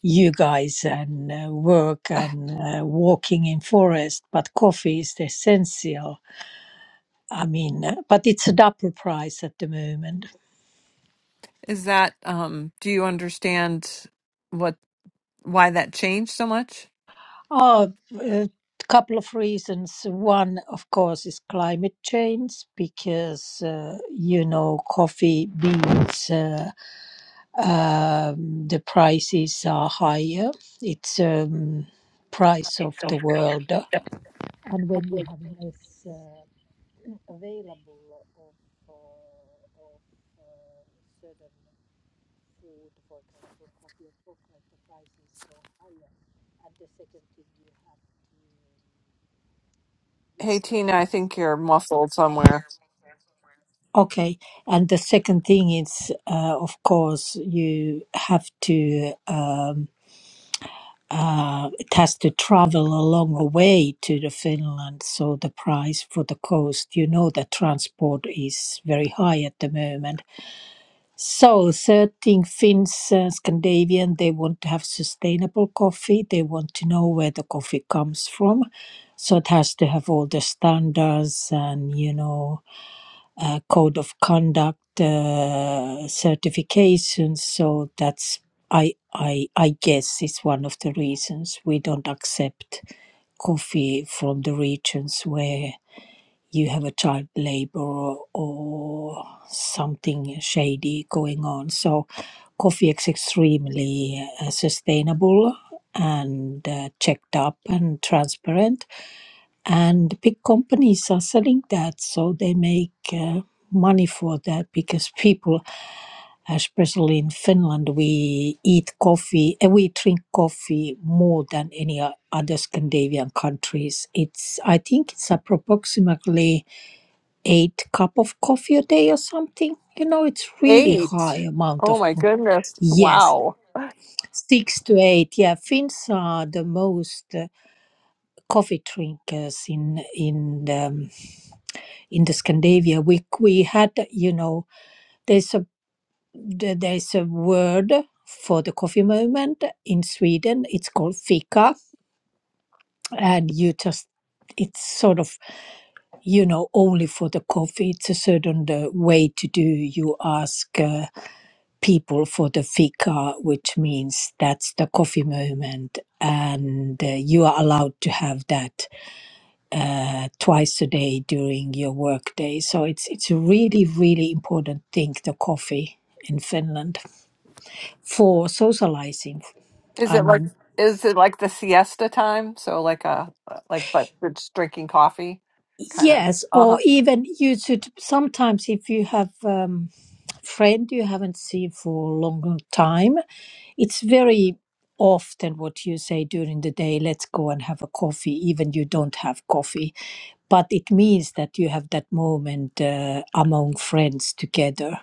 S2: you guys and uh, work and uh, walking in forest, but coffee is the essential. I mean, uh, but it's a double price at the moment.
S5: Is that um do you understand what why that changed so much?
S2: Oh, a couple of reasons. One, of course, is climate change because, uh, you know, coffee beans, uh, um, the prices are higher. It's um, price of the world. And when you have less uh, available of, uh, of uh, certain food, for example, coffee or chocolate, the prices go higher. And the second thing you have to
S5: hey, Tina, I think you're muffled somewhere.
S2: Okay, and the second thing is, uh, of course, you have to. Um, uh, it has to travel a longer way to the Finland, so the price for the cost, you know, the transport is very high at the moment. So, certain Finns, uh, Scandinavian, they want to have sustainable coffee. They want to know where the coffee comes from. So it has to have all the standards and, you know, uh, code of conduct uh, certifications. So that's, I, I, I guess, is one of the reasons we don't accept coffee from the regions where you have a child labor or, or something shady going on. So, coffee is extremely uh, sustainable and uh, checked up and transparent. And big companies are selling that, so they make uh, money for that because (laughs) people, especially in Finland, we eat coffee and we drink coffee more than any o- other Scandinavian countries. It's I think it's approximately eight cup of coffee a day or something. You know, it's really
S5: Eight.
S2: high amount
S5: Oh,
S2: of.
S5: my goodness.
S2: Yes,
S5: Wow.
S2: six to eight. Yeah, Finns are the most uh, coffee drinkers in in the, um, in the Scandinavia. We we had you know there's a the- there's a word for the coffee moment in Sweden. It's called fika and you just it's sort of you know only for the coffee it's a certain uh, way to do you ask uh, people for the fika which means that's the coffee moment and uh, you are allowed to have that uh, twice a day during your work day so it's it's a really really important thing the coffee in finland for socializing
S5: Is
S2: i
S5: it like
S2: mean
S5: is it like the siesta time? So like a like but we just drinking coffee kind of.
S2: Yes, or
S5: Uh-huh.
S2: even you should sometimes if you have um, friend you haven't seen for a long long time, it's very often what you say during the day, let's go and have a coffee, even you don't have coffee. But it means that you have that moment uh, among friends together.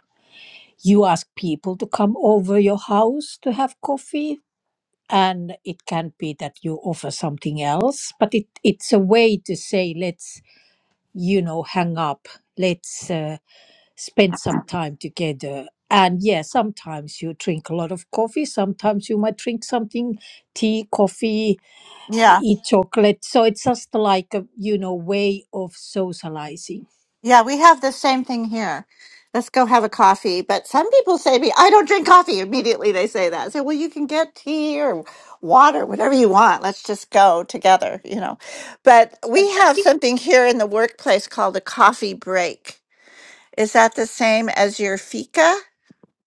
S2: You ask people to come over your house to have coffee. And it can be that you offer something else, but it, it's a way to say, let's you know, hang up, let's uh, spend some time together. And yeah, sometimes you drink a lot of coffee, sometimes you might drink something tea, coffee, uh,
S1: Yeah.
S2: eat chocolate. So it's just like a, you know, way of socializing.
S1: Yeah. We have the same thing here. Let's go have a coffee. But some people say to me, I don't drink coffee. Immediately they say that. I say, well, you can get tea or water, whatever you want. Let's just go together, you know. But we have something here in the workplace called a coffee break. Is that the same as your fika?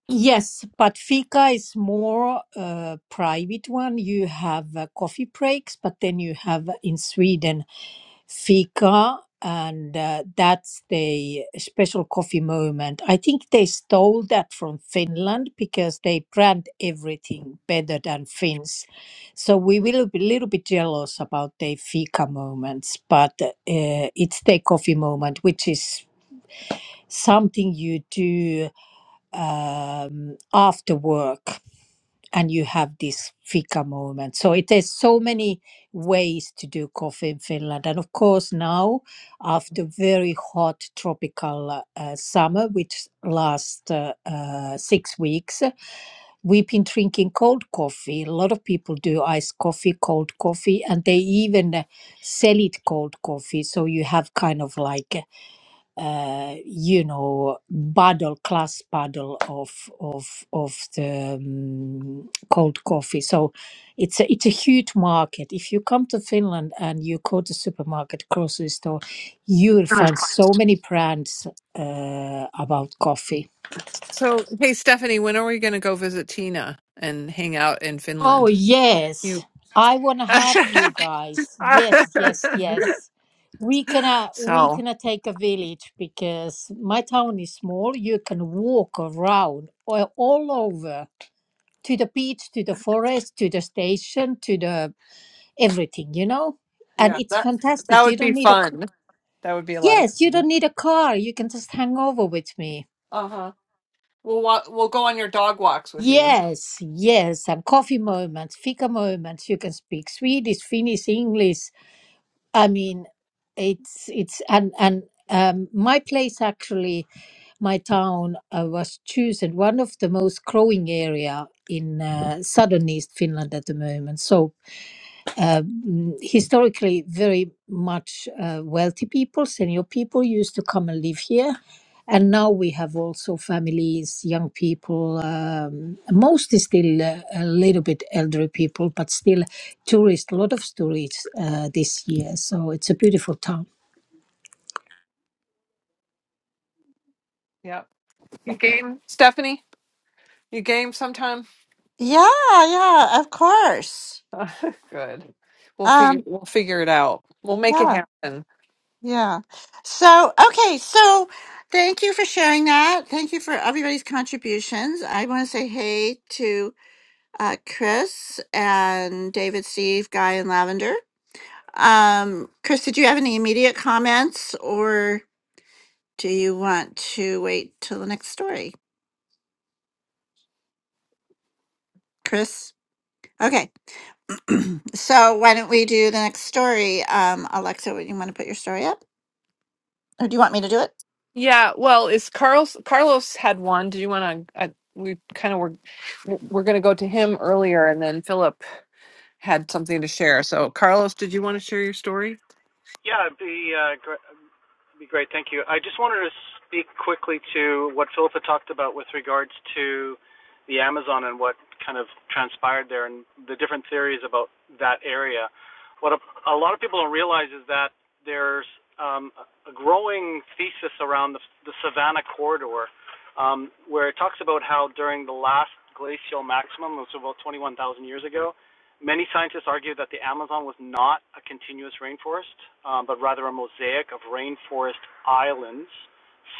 S2: Yes, but Fika is more uh, private one. You have uh, coffee breaks, but then you have uh, in Sweden Fika, and uh, that's the special coffee moment. I think they stole that from Finland because they brand everything better than Finns. So we will be a little bit jealous about the Fika moments, but uh, it's the coffee moment, which is something you do um, after work and you have this fika moment. So it is so many ways to do coffee in Finland. And of course now after very hot tropical uh, summer, which lasts uh, uh, six weeks, we've been drinking cold coffee. A lot of people do iced coffee, cold coffee, and they even uh, sell it cold coffee. So you have kind of like uh, you know paddle class paddle of of of the um, cold coffee so it's a it's a huge market if you come to finland and you go to supermarket grocery store you will
S5: Mm.
S2: find so many brands uh, about coffee
S5: So hey Stephanie, when are we going to go visit Tina and hang out in
S2: Oh,
S5: Finland? You
S2: yes. I want to have
S5: (laughs)
S2: you guys. Yes, yes, yes. We gonna we
S5: So,
S2: gonna take a village because my town is small. You can walk around all, all over to the beach, to the forest, to the station, to the everything, you know? And
S5: yeah,
S2: it's
S5: that that
S2: fantastic. You
S5: would be
S2: don't need a
S5: fun.
S2: c-
S5: That would be a lot of
S2: Yes, you
S5: fun.
S2: don't need a car. You can just hang over with me.
S5: Uh huh. We'll wa- we'll go on your dog walks with you.
S2: Yes, yes, and coffee
S5: Oh.
S2: moments, fika moments. You can speak Swedish, Finnish, English I mean, it's it's and and um, my place actually, my town uh, was chosen one of the most growing area in uh, southern East Finland at the moment. So uh, mm, historically, very much uh, wealthy people, senior people used to come and live here. And now we have also families, young people, um, mostly still uh, a little bit elderly people, but still tourists, a lot of tourists uh, this year. So it's a beautiful town.
S5: Yep. You game, Stephanie? You game sometime?
S1: Yeah, yeah, of course.
S5: (laughs) Good. We'll figure
S1: Um,
S5: we'll figure it out. We'll make it
S1: yeah,
S5: happen.
S1: yeah. So, okay, so thank you for sharing that. Thank you for everybody's contributions. I want to say hey to uh, Chris and David, Steve, Guy, and Lavender. Um, Chris, did you have any immediate comments or do you want to wait till the next story? Chris? Okay. (clears throat) so why don't we do the next story? Um, Alexa, would you want to put your story up? Or do you want me to do it?
S5: Yeah, well, is Carlos Carlos had one. Did you want to we kind of were we're going to go to him earlier and then Philip had something to share. So Carlos, did you want to share your story?
S4: yeah, it'd be uh, gr- it'd be great. Thank you. I just wanted to speak quickly to what Philippa talked about with regards to the Amazon and what kind of transpired there and the different theories about that area. What a, a lot of people don't realize is that there's um, a growing thesis around the, the Savannah corridor, um, where it talks about how during the last glacial maximum, which was about 21,000 years ago, Many scientists argue that the Amazon was not a continuous rainforest, um, but rather a mosaic of rainforest islands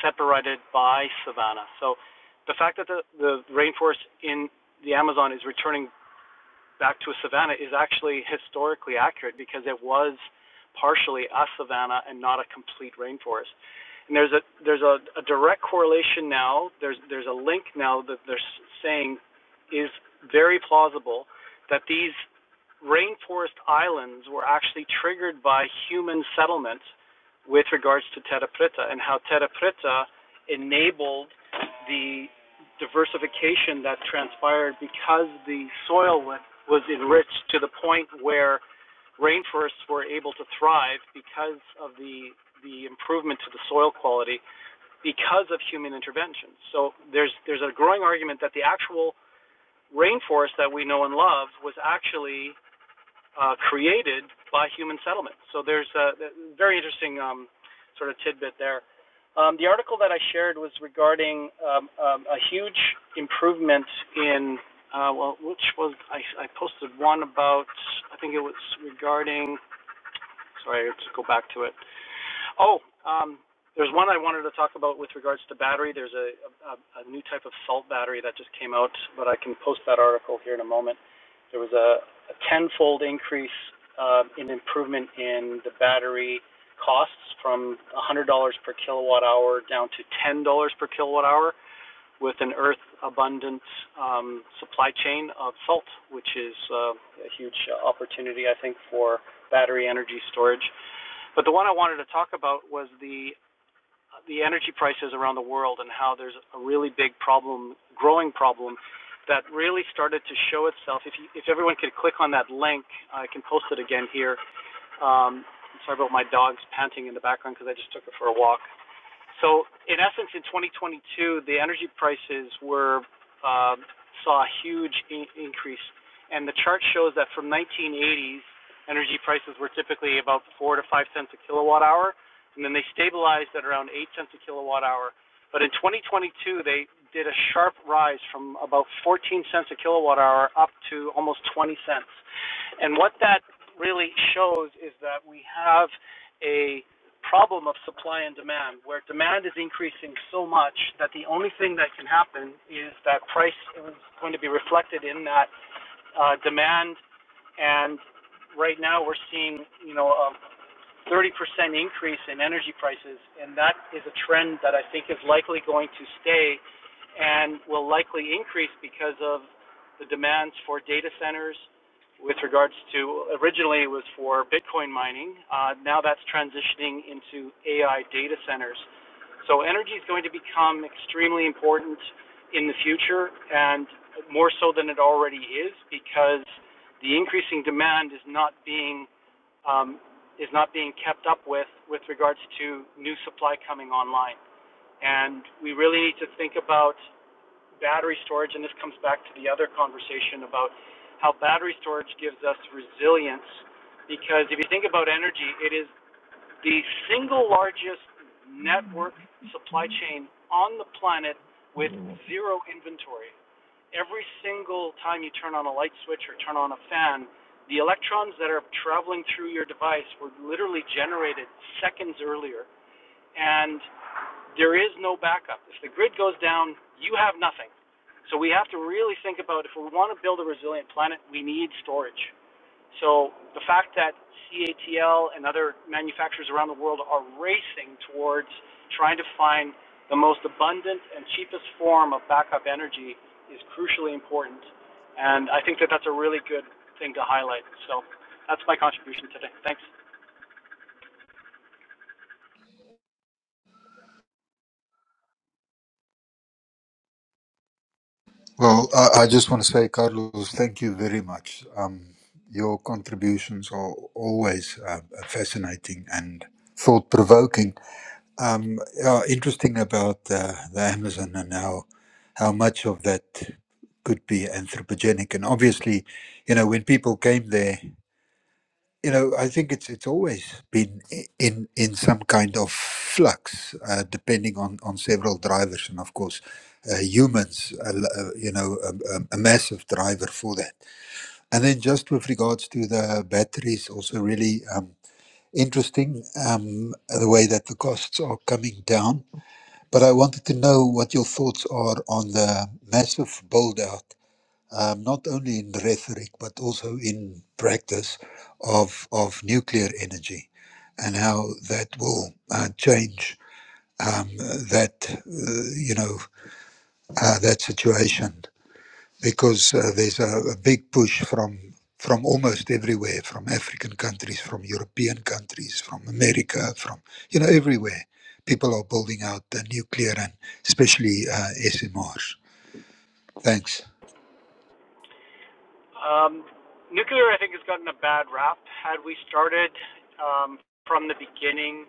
S4: separated by savanna. So the fact that the, the rainforest in the Amazon is returning back to a savanna is actually historically accurate because it was partially a savanna and not a complete rainforest. And there's a there's a, a direct correlation now. There's there's a link now that they're saying is very plausible that these rainforest islands were actually triggered by human settlement with regards to Terra Preta and how Terra Preta enabled the diversification that transpired because the soil was enriched to the point where rainforests were able to thrive because of the the improvement to the soil quality because of human intervention. So there's there's a growing argument that the actual rainforest that we know and love was actually uh, created by human settlement. So there's a, very interesting um, sort of tidbit there. Um, the article that I shared was regarding um, um, a huge improvement in, uh, well, which was, I, I posted one about, I think it was regarding, sorry, let's go back to it. Oh, um, there's one I wanted to talk about with regards to battery. There's a, a, a new type of salt battery that just came out, but I can post that article here in a moment. There was a, a tenfold increase uh, in improvement in the battery costs from $100 per kilowatt hour down to $10 per kilowatt hour with an earth abundant um, supply chain of salt, which is uh, a huge opportunity, I think, for battery energy storage. But the one I wanted to talk about was the the energy prices around the world and how there's a really big problem, growing problem, that really started to show itself. If you, if everyone could click on that link, I can post it again here. Um, sorry about my dog's panting in the background because I just took her for a walk. So in essence, in 2022, the energy prices were um, saw a huge in- increase, and the chart shows that from 1980s, energy prices were typically about four to five cents a kilowatt hour, and then they stabilized at around eight cents a kilowatt hour. But in 2022, they did a sharp rise from about 14 cents a kilowatt hour up to almost 20 cents. And what that really shows is that we have a problem of supply and demand, where demand is increasing so much that the only thing that can happen is that price is going to be reflected in that uh, demand. And right now, we're seeing, you know, a 30% increase in energy prices, and that is a trend that I think is likely going to stay and will likely increase because of the demands for data centers with regards to originally it was for Bitcoin mining. Uh, now that's transitioning into AI data centers. So energy is going to become extremely important in the future and more so than it already is because the increasing demand is not being um, is not being kept up with with regards to new supply coming online. And we really need to think about battery storage, and this comes back to the other conversation about how battery storage gives us resilience. Because if you think about energy, it is the single largest network supply chain on the planet with zero inventory every single time you turn on a light switch or turn on a fan, the electrons that are traveling through your device were literally generated seconds earlier, and there is no backup. If the grid goes down, you have nothing. So we have to really think about if we want to build a resilient planet, we need storage. So the fact that CATL and other manufacturers around the world are racing towards trying to find the most abundant and cheapest form of backup energy is crucially important. And I think that that's a really good thing to highlight. So that's my contribution today. Thanks.
S7: Well, I, I just want to say, Carlos, thank you very much. Um, your contributions are always uh, fascinating and thought provoking. Um, yeah, interesting about uh, the Amazon and how how much of that could be anthropogenic. And obviously, you know, when people came there you know, I think it's it's always been i- in in some kind of flux, uh, depending on on several drivers, and of course, uh, humans, uh, l- uh, you know, a, a a massive driver for that. And then just with regards to the batteries, also really um, interesting um, the way that the costs are coming down. But I wanted to know what your thoughts are on the massive build out um, not only in rhetoric but also in practice of of nuclear energy, and how that will uh, change um, uh, that uh, you know uh, that situation because uh, there's a, a big push from from almost everywhere, from African countries, from European countries, from America, from you know everywhere. People are building out the nuclear and especially uh, SMRs. Thanks.
S4: Um, nuclear, I think, has gotten a bad rap. Had we started um, from the beginning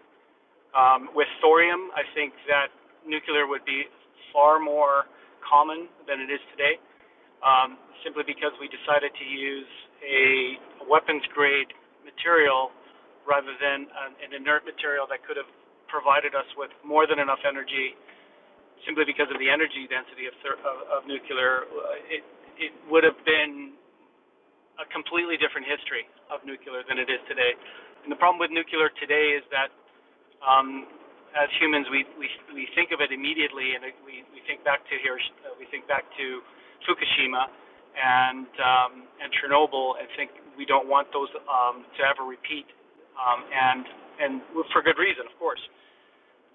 S4: um, with thorium, I think that nuclear would be far more common than it is today. um, simply because we decided to use a weapons grade material rather than an, inert material that could have provided us with more than enough energy simply because of the energy density of, of, of nuclear. Uh, It, it would have been a completely different history of nuclear than it is today. And the problem with nuclear today is that um, as humans, we, we, we think of it immediately, and we, we think back to here. we think back to Fukushima and um, and Chernobyl, and think we don't want those um, to ever repeat, um, and and for good reason, of course.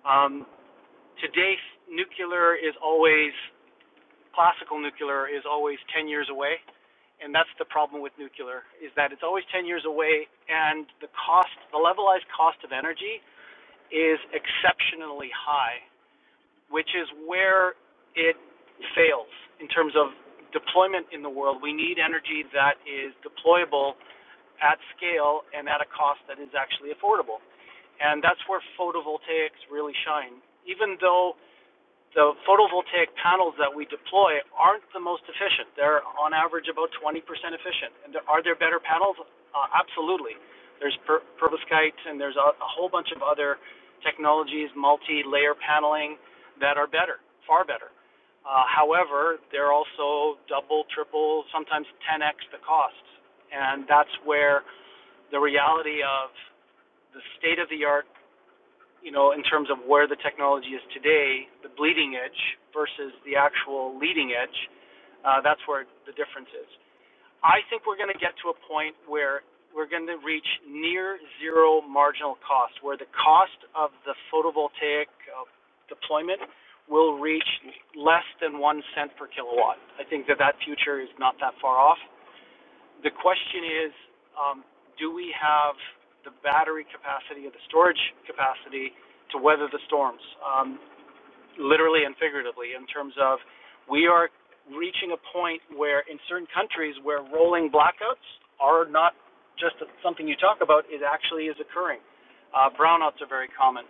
S4: Um, today, nuclear is always classical nuclear is always 10 years away, and that's the problem with nuclear is that it's always 10 years away, and the cost, the levelized cost of energy is exceptionally high, which is where it fails in terms of deployment in the world. We need energy that is deployable at scale and at a cost that is actually affordable. And that's where photovoltaics really shine. Even though the photovoltaic panels that we deploy aren't the most efficient. They're on average about 20% efficient. And are there better panels? Uh, absolutely. There's per- perovskite and there's a, a whole bunch of other technologies, multi-layer paneling, that are better, far better. Uh, however, they're also double, triple, sometimes 10x the cost. And that's where the reality of the state of the art you know, in terms of where the technology is today, the bleeding edge versus the actual leading edge, uh, that's where the difference is. I think we're going to get to a point where we're going to reach near zero marginal cost, where the cost of the photovoltaic uh, deployment will reach less than one cent per kilowatt. I think that that future is not that far off. The question is, um, do we have the battery capacity or the storage capacity to weather the storms, um, literally and figuratively, in terms of we are reaching a point where in certain countries where rolling blackouts are not just something you talk about, it actually is occurring. Uh, brownouts are very common.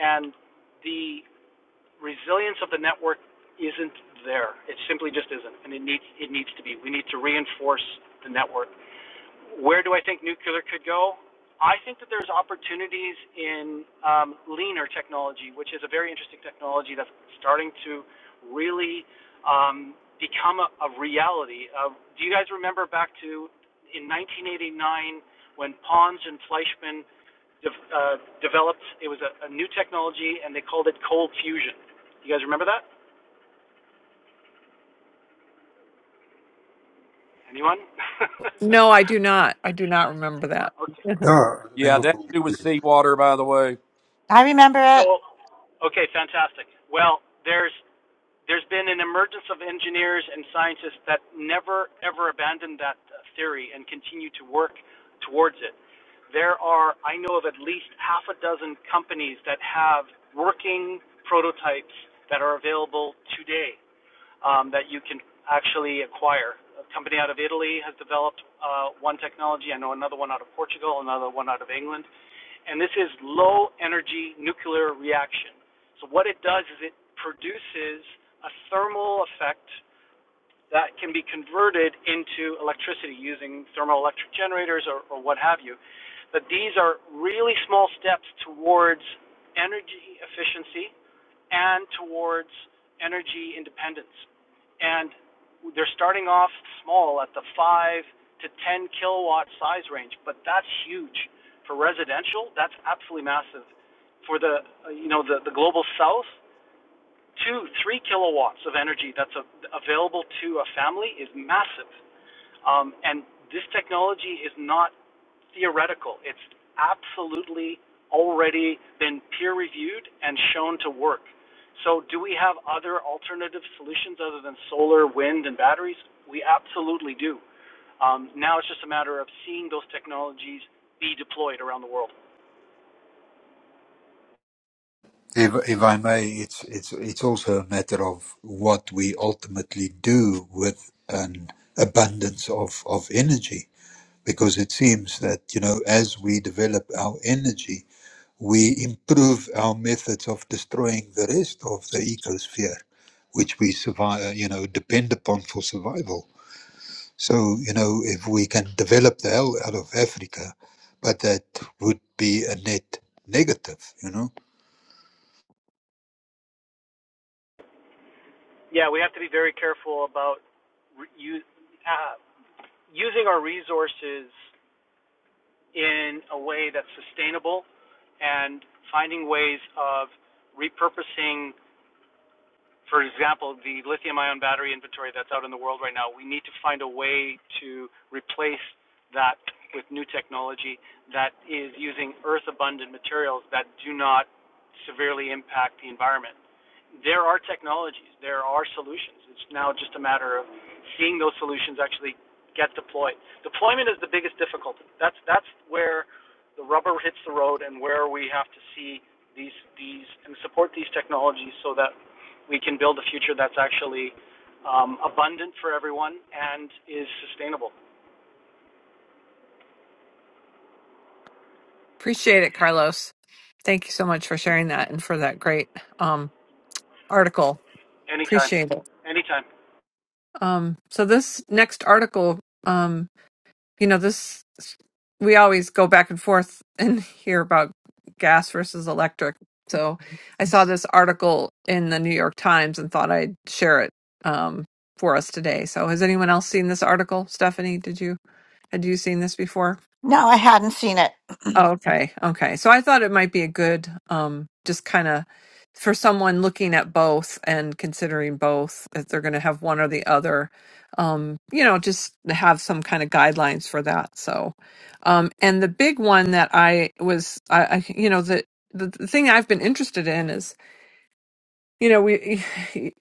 S4: And the resilience of the network isn't there. It simply just isn't, and it needs it needs to be. We need to reinforce the network where do I think nuclear could go? I think that there's opportunities in um, leaner technology, which is a very interesting technology that's starting to really um, become a, a reality. Uh, do you guys remember back to in 1989 when Pons and Fleischmann de- uh, developed? It was a, a new technology, and they called it cold fusion. You guys remember that? Anyone?
S5: No, I do not. I do not remember that.
S4: (laughs) okay.
S5: (laughs)
S7: Yeah,
S6: Yeah, that
S7: memorable.
S6: to do with seawater, by the way.
S1: I remember it.
S4: So Okay, fantastic. Well, there's there's been an emergence of engineers and scientists that never ever abandoned that uh, theory and continue to work towards it. There are, I know of at least half a dozen companies that have working prototypes that are available today um, that you can actually acquire. A company out of Italy has developed uh, one technology. I know another one out of Portugal, another one out of England and this is low energy nuclear reaction. So what it does is it produces a thermal effect that can be converted into electricity using thermoelectric generators or, or what have you. But these are really small steps towards energy efficiency and towards energy independence. And they're starting off small at the 5 to 10 kilowatt size range, but that's huge. For residential, that's absolutely massive. For the, uh, you know, the, the global south, 2, 3 kilowatts of energy that's a, available to a family is massive. Um, and this technology is not theoretical. It's absolutely already been peer reviewed and shown to work. So, do we have other alternative solutions other than solar, wind, and batteries? We absolutely do. Um, now it's just a matter of seeing those technologies be deployed around the world.
S7: If, if I may, it's it's it's also a matter of what we ultimately do with an abundance of, of energy, because it seems that you know as we develop our energy, we improve our methods of destroying the rest of the ecosphere, which we survive you know depend upon for survival. So you know if we can develop the hell out of Africa, but that would be a net negative, you know
S4: Yeah, we have to be very careful about re- u- uh, using our resources in a way that's sustainable and finding ways of repurposing for example, the lithium ion battery inventory that's out in the world right now, we need to find a way to replace that with new technology that is using earth abundant materials that do not severely impact the environment. There are technologies, there are solutions. It's now just a matter of seeing those solutions actually get deployed. Deployment is the biggest difficulty. That's that's where the rubber hits the road and where we have to see these these and support these technologies so that we can build a future that's actually um, abundant for everyone and is sustainable.
S5: Appreciate it, Carlos. Thank you so much for sharing that and for that great um article.
S4: Anytime,
S5: Appreciate it.
S4: anytime.
S5: Um, so this next article, um, you know, this we always go back and forth and (laughs) hear about gas versus electric. So I saw this article in the New York Times and thought I'd share it um, for us today. So has anyone else seen this article? Stephanie, did you had you seen this before?
S1: No, I hadn't seen it. (clears throat)
S5: Oh, okay. Okay. So I thought it might be a good um just kind of for someone looking at both and considering both if they're going to have one or the other um you know just have some kind of guidelines for that so um and the big one that i was i, I you know the the the thing i've been interested in is you know we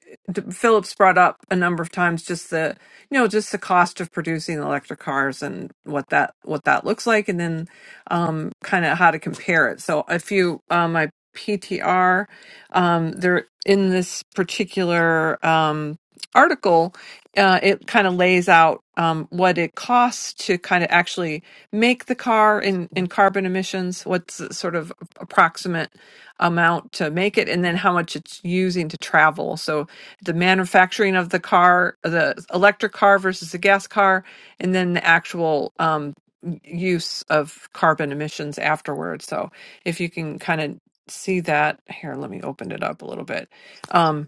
S5: (laughs) phillips brought up a number of times just the you know just the cost of producing electric cars and what that what that looks like and then um kind of how to compare it so if you um my ptr um there in this particular um article uh, it kind of lays out um, what it costs to kind of actually make the car in, in carbon emissions what's the sort of approximate amount to make it and then how much it's using to travel. So the manufacturing of the car, the electric car versus the gas car, and then the actual um, use of carbon emissions afterwards. So if you can kind of see that here, let me open it up a little bit. Um,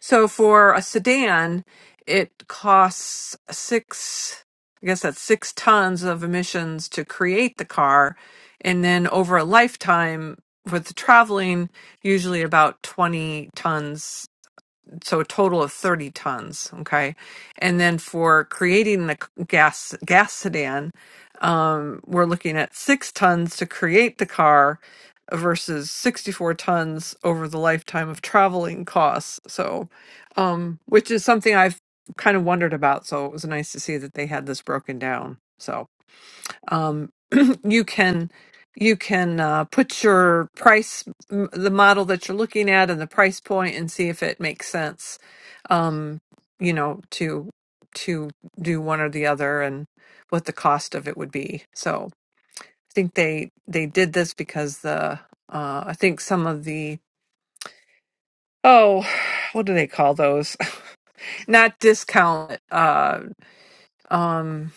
S5: so for a sedan, it costs six, I guess that's six tons of emissions to create the car. And then over a lifetime with the traveling, usually about 20 tons so a total of 30 tons okay and then for creating the c- gas gas sedan um, we're looking at six tons to create the car versus 64 tons over the lifetime of traveling costs so um, which is something i've kind of wondered about so it was nice to see that they had this broken down So um, (clears throat) you can you can uh, put your price m- the model that you're looking at and the price point and see if it makes sense um, you know to to do one or the other and what the cost of it would be so i think they they did this because the uh, i think some of the oh (sighs) what do they call those (laughs) not discount uh um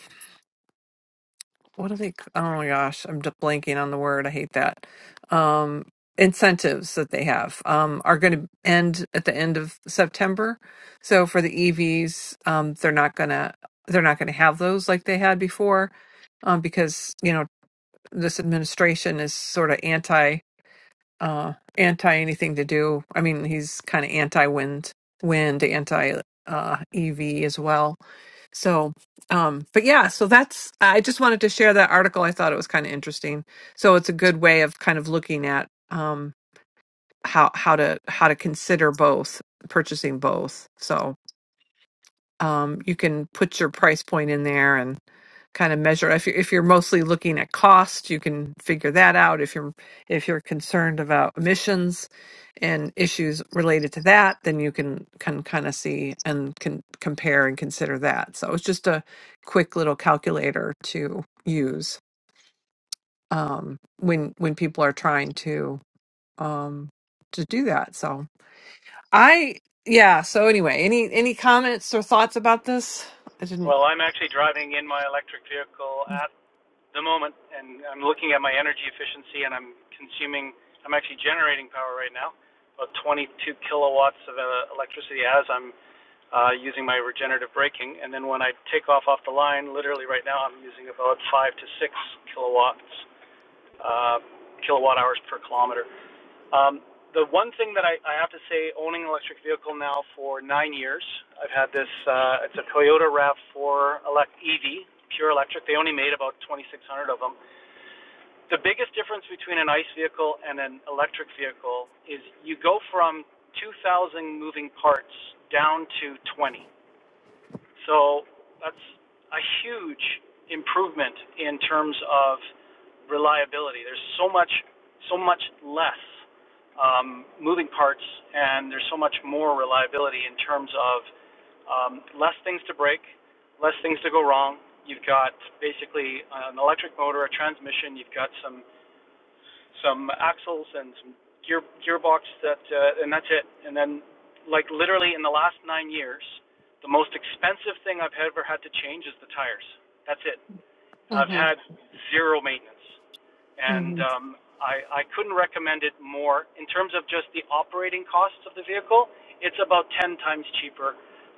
S5: what are they c- oh my gosh i'm just blanking on the word i hate that um incentives that they have um are going to end at the end of september so for the evs um they're not going to they're not going to have those like they had before um because you know this administration is sort of anti uh anti anything to do i mean he's kind of anti wind wind anti uh ev as well so, um, but yeah, so that's, I just wanted to share that article. I thought it was kind of interesting. So it's a good way of kind of looking at, um, how, how to, how to consider both purchasing both. So um, you can put your price point in there and kind of measure if you're if you're mostly looking at cost you can figure that out if you're if you're concerned about emissions and issues related to that then you can can kind of see and can compare and consider that so it's just a quick little calculator to use um, when when people are trying to um, to do that so i yeah so anyway any any comments or thoughts about this i didn't
S4: Well, I'm actually driving in my electric vehicle at the moment, and I'm looking at my energy efficiency, and I'm consuming. I'm actually generating power right now, about 22 kilowatts of uh, electricity as I'm uh, using my regenerative braking, and then when I take off off the line, literally right now, I'm using about five to six kilowatts uh, kilowatt hours per kilometer. Um, the one thing that I, I have to say, owning an electric vehicle now for nine years, I've had this. Uh, it's a Toyota Rav4 elect EV, pure electric. They only made about 2,600 of them. The biggest difference between an ICE vehicle and an electric vehicle is you go from 2,000 moving parts down to 20. So that's a huge improvement in terms of reliability. There's so much, so much less um, moving parts, and there's so much more reliability in terms of um, less things to break, less things to go wrong. You've got basically an electric motor, a transmission. You've got some some axles and some gear gearbox that uh, and that's it and then like literally in the last nine years the most expensive thing i've ever had to change is the tires that's it i've
S5: hmm
S4: had zero maintenance and
S5: hmm
S4: um, I, I couldn't recommend it more. In terms of just the operating costs of the vehicle, it's about 10 times cheaper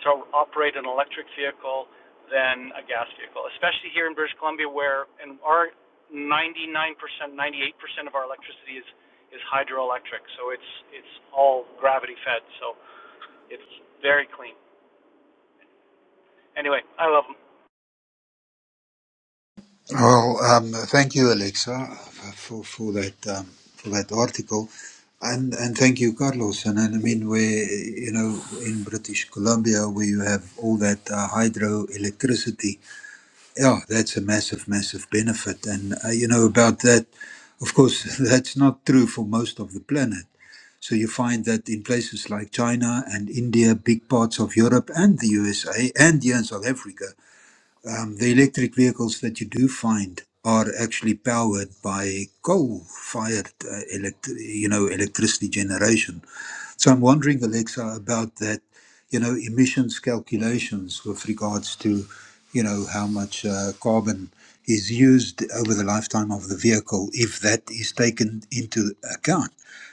S4: to operate an electric vehicle than a gas vehicle, especially here in British Columbia, where and our 99%, 98% of our electricity is is hydroelectric, so it's it's all gravity fed, so it's very clean. Anyway, I love them.
S7: Well, um, thank you, Alexa, for for that um, for that article, and and thank you, Carlos. And, and I mean, we you know in British Columbia where you have all that uh, hydroelectricity, yeah, that's a massive, massive benefit. And uh, you know about that, of course, (laughs) that's not true for most of the planet. So you find that in places like China and India, big parts of Europe and the USA and here in South Africa. Um, the electric vehicles that you do find are actually powered by coal-fired uh, elect- you know electricity generation. So I'm wondering, Alexa, about that, you know, emissions calculations with regards to, you know, how much uh, carbon is used over the lifetime of the vehicle, if that is taken into account.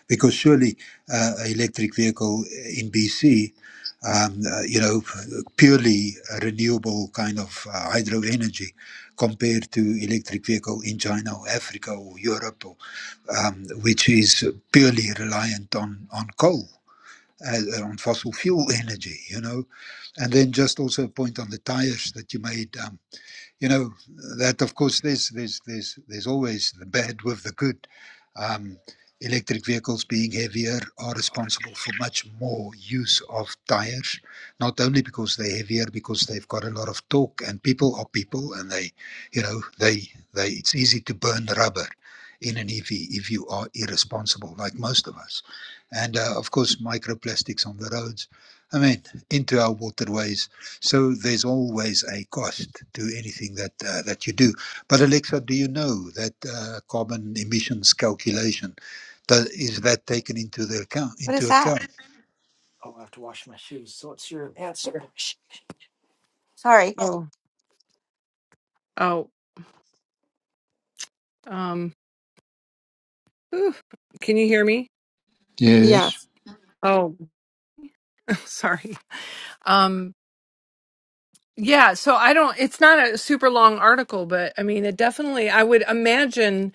S7: Because surely uh, an electric vehicle in BC, um, uh, you know, purely renewable kind of uh, hydro energy compared to electric vehicle in China or Africa or Europe or um, which is purely reliant on, on coal uh, on fossil fuel (laughs) energy, you know. And then just also a point on the tires that you made. um, you know that of course there's there's there's there's always the bad with the good um, electric vehicles being heavier are responsible for much more use of tires not only because they're heavier because they've got a lot of torque and people are people and they you know they they it's easy to burn rubber in an ev if you are irresponsible like most of us and uh, of course microplastics on the roads i mean into our waterways so there's always a cost to anything that uh, that you do. But Alexa, do you know that uh, carbon emissions calculation does, is that taken into the account
S1: What is
S7: into
S1: that?
S7: account?
S1: Sorry.
S5: Oh, Oh, um, oof. can you hear me?
S1: Yeah,
S7: Yes.
S5: oh, (laughs) Sorry. Um, Yeah, so I don't, it's not a super long article, but I mean, it definitely, I would imagine,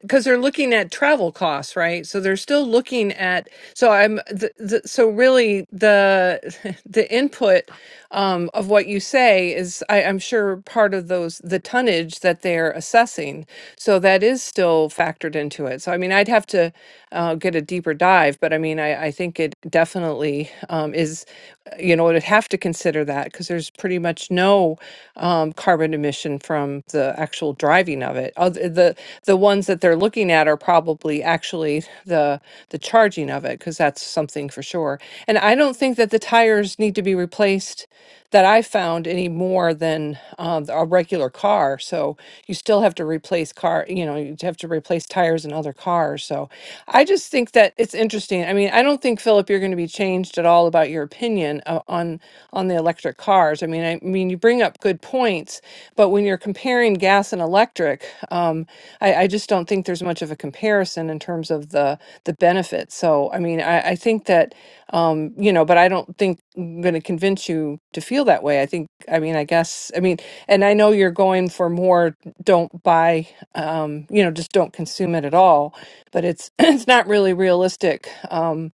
S5: because they're looking at travel costs, right? So they're still looking at, so I'm, the, the, so really the (laughs) the input um, of what you say is, I, I'm sure part of those, the tonnage that they're assessing. So that is still factored into it. So I mean, I'd have to uh, get a deeper dive, but I mean, I, I think it definitely um, is is, uh, you know, would have to consider that because there's pretty much no um, carbon emission from the actual driving of it. Other, the the ones that they're looking at are probably actually the the charging of it because that's something for sure. And I don't think that the tires need to be replaced that I found any more than um, a regular car. So you still have to have to replace car, you know, you'd have to replace tires in other cars. So I just think that it's interesting. I mean, I don't think Philip, you're going to be changed at all about your opinion uh, on on the electric cars. I mean, I mean, you bring up good points, but when you're comparing gas and electric, um, I, I just don't think there's much of a comparison in terms of the the benefits. So I mean, I, I think that um, you know, but I don't think I'm going to convince you to feel that way. I think, I mean, I guess, I mean, and I know you're going for more don't buy um you know just don't consume it at all but it's (clears throat) it's not really realistic um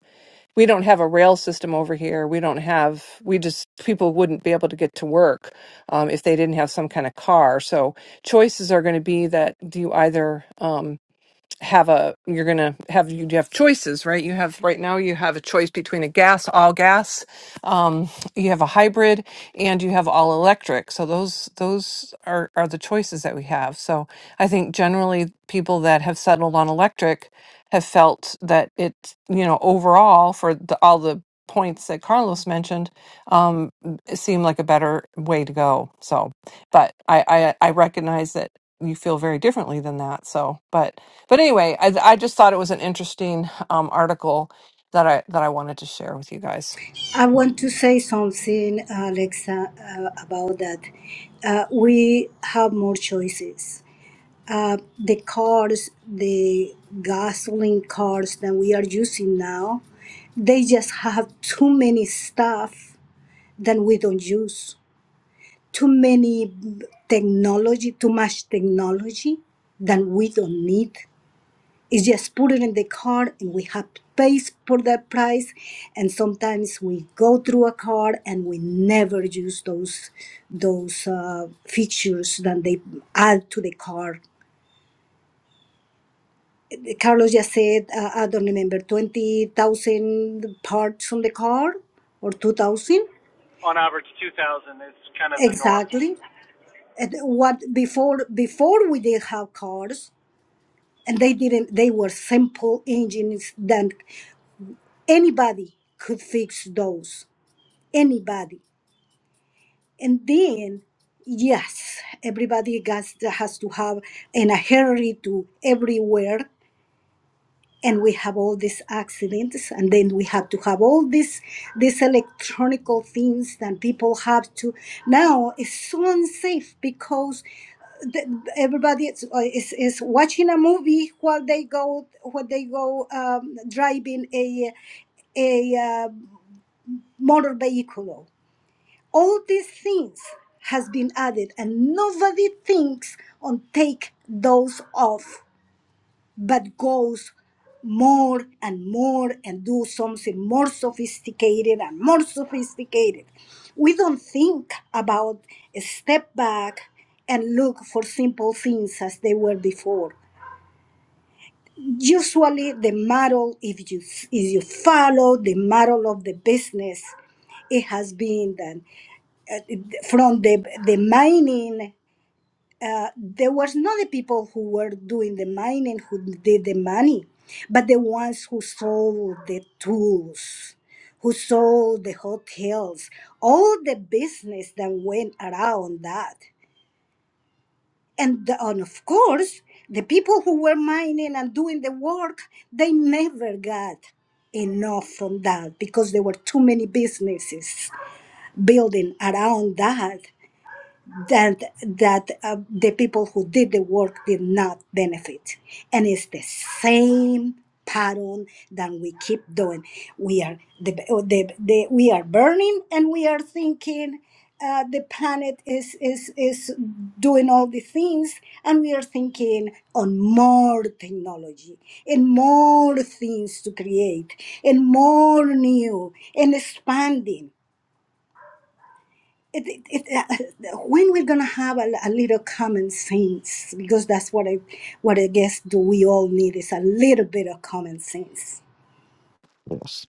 S5: we don't have a rail system over here we don't have we just people wouldn't be able to get to work um if they didn't have some kind of car so choices are going to be that do you either Um, have a you're gonna have you have choices right you have right now you have a choice between a gas all gas um, you have a hybrid and you have all electric so those those are are the choices that we have so i think generally people that have settled on electric have felt that it you know overall for the, all the points that carlos mentioned um it seemed like a better way to go so but i i, I recognize that you feel very differently than that so but but anyway, I, I just thought it was an interesting um, article that I that I wanted to share with you guys.
S3: I want to say something, Alexa, uh, about that. Uh, we have more choices. Uh, the cars, the gasoline cars that we are using now, they just have too many stuff that we don't use. Too many technology, too much technology that we don't need. It's just put it in the card and we have pays for that price and sometimes we go through a card and we never use those those uh, features that they add to the card carlos just said uh, i don't remember 20000 parts on the card or 2000
S4: On average, 2,000 is kind of the norm.
S3: exactly And what before before we did have cars and they didn't they were simple engines that anybody could fix those anybody. And then, yes, everybody has, to, has to have in a hurry to everywhere. And we have all these accidents, and then we have to have all these these electronical things that people have to. Now it's so unsafe because the, everybody is, uh, is is watching a movie while they go while they go um, driving a a uh, motor vehicle all these things has been added and nobody thinks on take those off but goes more and more and do something more sophisticated and more sophisticated we don't think about a step back and look for simple things as they were before usually the model if you if you follow the model of the business it has been done from the the mining uh, there was not the people who were doing the mining who did the money, but the ones who sold the tools, who sold the hotels, all the business that went around that. And, the- and of course, the people who were mining and doing the work, they never got enough from that because there were too many businesses building around that that that uh, the people who did the work did not benefit and it's the same pattern that we keep doing we are the, the, the we are burning and we are thinking uh, the planet is, is is doing all the things and we are thinking on more technology and more things to create and more new and expanding it, it, it, uh, when we're gonna have a, a little common sense because that's what I what I guess do we all need is a little bit of common sense
S8: Yes.